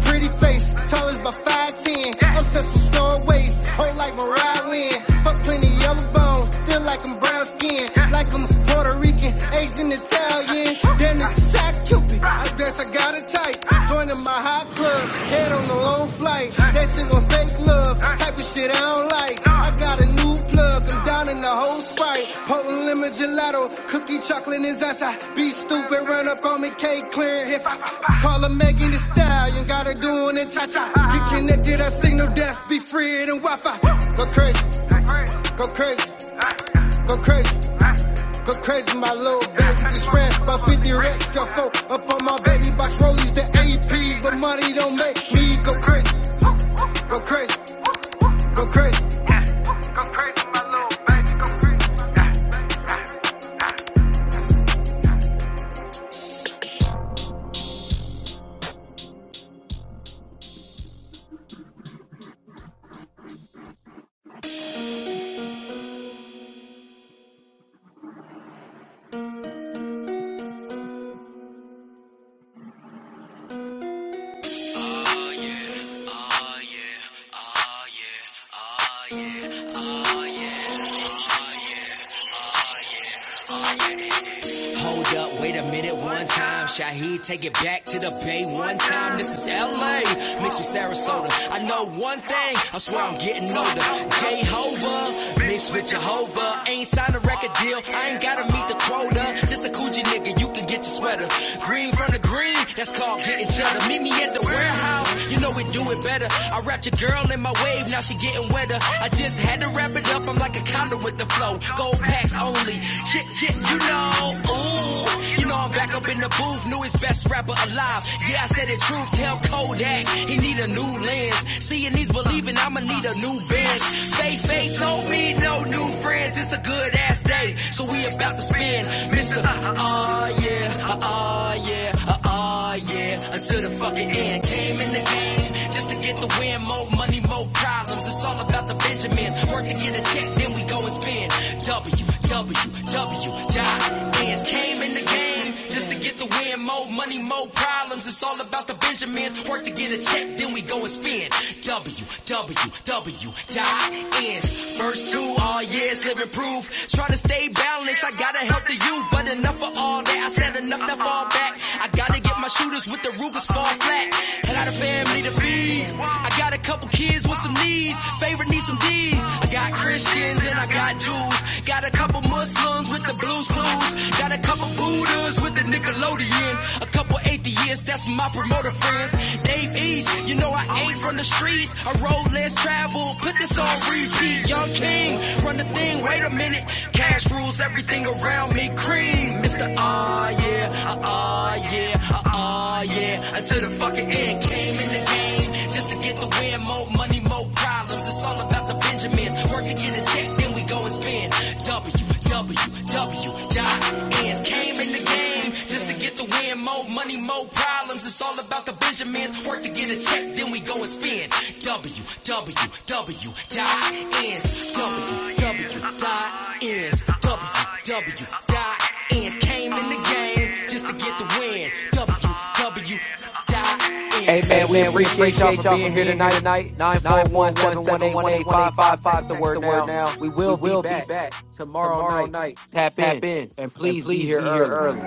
C: Pretty face, tall as my 5'10. I'm such a stone waist, whole like Mariah Lynn. Fuck plenty yellow bones, still like I'm brown skin. Like I'm Puerto Rican, Asian, Italian. Then it's shot Cupid, I guess I got a type. Joining my hot club, head on a long flight. That shit gon' fake love, type of shit I don't like. I got a new plug, I'm down in the whole sprite. Potent lemon gelato, cookie chocolate and Zaza. Be stupid, run up on me, cake clearing. If I ain't got a good, I try to be Wi-Fi. Crazy, crazy, I low up. Hold up, wait a minute, one time. Shaheed, take it back to the bay one time. This is LA, mixed with Sarasota. I know one thing, I swear I'm getting older. Jehovah, mixed with Jehovah. Ain't signed a record deal, I ain't gotta meet the quota. Just a coochie nigga, you can get your sweater. Green from the green, that's called getting cheddar. Meet me at the warehouse, you know we do it better. I wrapped your girl in my wave, now she getting wetter. I just had to wrap it up, I'm like a condo with the flow. Gold packs only. Yeah, yeah, you know. Ooh, you know I'm back up in the booth. Newest best rapper alive. Yeah, I said the truth. Tell Kodak he need a new lens. Seeing these believing, I'ma need a new Benz. Faye Faye told me no new friends. It's a good ass day, so we about to spin, Mister. Uh, uh yeah, uh, uh yeah, uh, uh yeah. Until the fucking end. Came in the game just to get the win. More money, more problems. It's all about the Benjamin sentiments. Work to get a check, then we go and spend. W W W WWW.ins came in the game just to get the win. More money, more problems. It's all about the Benjamins. Work to get a check, then we go and spend. W W W WWW.ins. First two all years living proof. Trying to stay balanced. I gotta help the youth, but enough for all that. I said enough, now fall back. I gotta get my shooters with the the Rugers fall flat. I got a family to feed. I got a couple kids with some needs. Favorite needs some D's. I got Christians and I got Jews. Got a couple Muslims with the blues clues. Got a couple Buddhas with the Nickelodeon. A couple atheists, that's my promoter friends. Dave East, you know I ain't from the streets. I road less travel, put this on repeat. Young King, run the thing, wait a minute. Cash Cash rules everything around me. Cream, Mr. Ah, yeah, ah, ah, yeah, ah, ah, yeah. Until the fucking end came in the game. Just to get the win, more money, more problems. It's all about the Benjamins. Work to get a check, then we go and spend. W, W, W, dot ends. Came in the game game just to get the win. More money, more problems. It's all about the Benjamins. Work to get a check, then we go and spend. W W W dot ends. W W dot ends. W W dot ends. Came in the game just to get the win fan.
A: Hey
C: WW.ins.
A: man,
C: Hey
A: we
C: man, we
A: appreciate y'all
C: appreciate
A: for
C: y'all
A: being
C: for
A: here
C: being here
A: tonight.
C: tonight.
A: Nine
C: Nine
A: four one
C: four one
A: seven one
C: seven
A: eight
C: one
A: one
C: eight
A: eight
C: one eight
A: five
C: five
A: five. Text
C: five.
A: the
C: Text
A: word
C: the word
A: now.
C: now.
A: We
C: We
A: will be
C: will be
A: back
C: back
A: tomorrow
C: tomorrow
A: night.
C: night.
A: Tap
C: Tap
A: in
C: in
A: and
C: and
A: please be
C: please
A: here
C: be here
A: early.
C: early.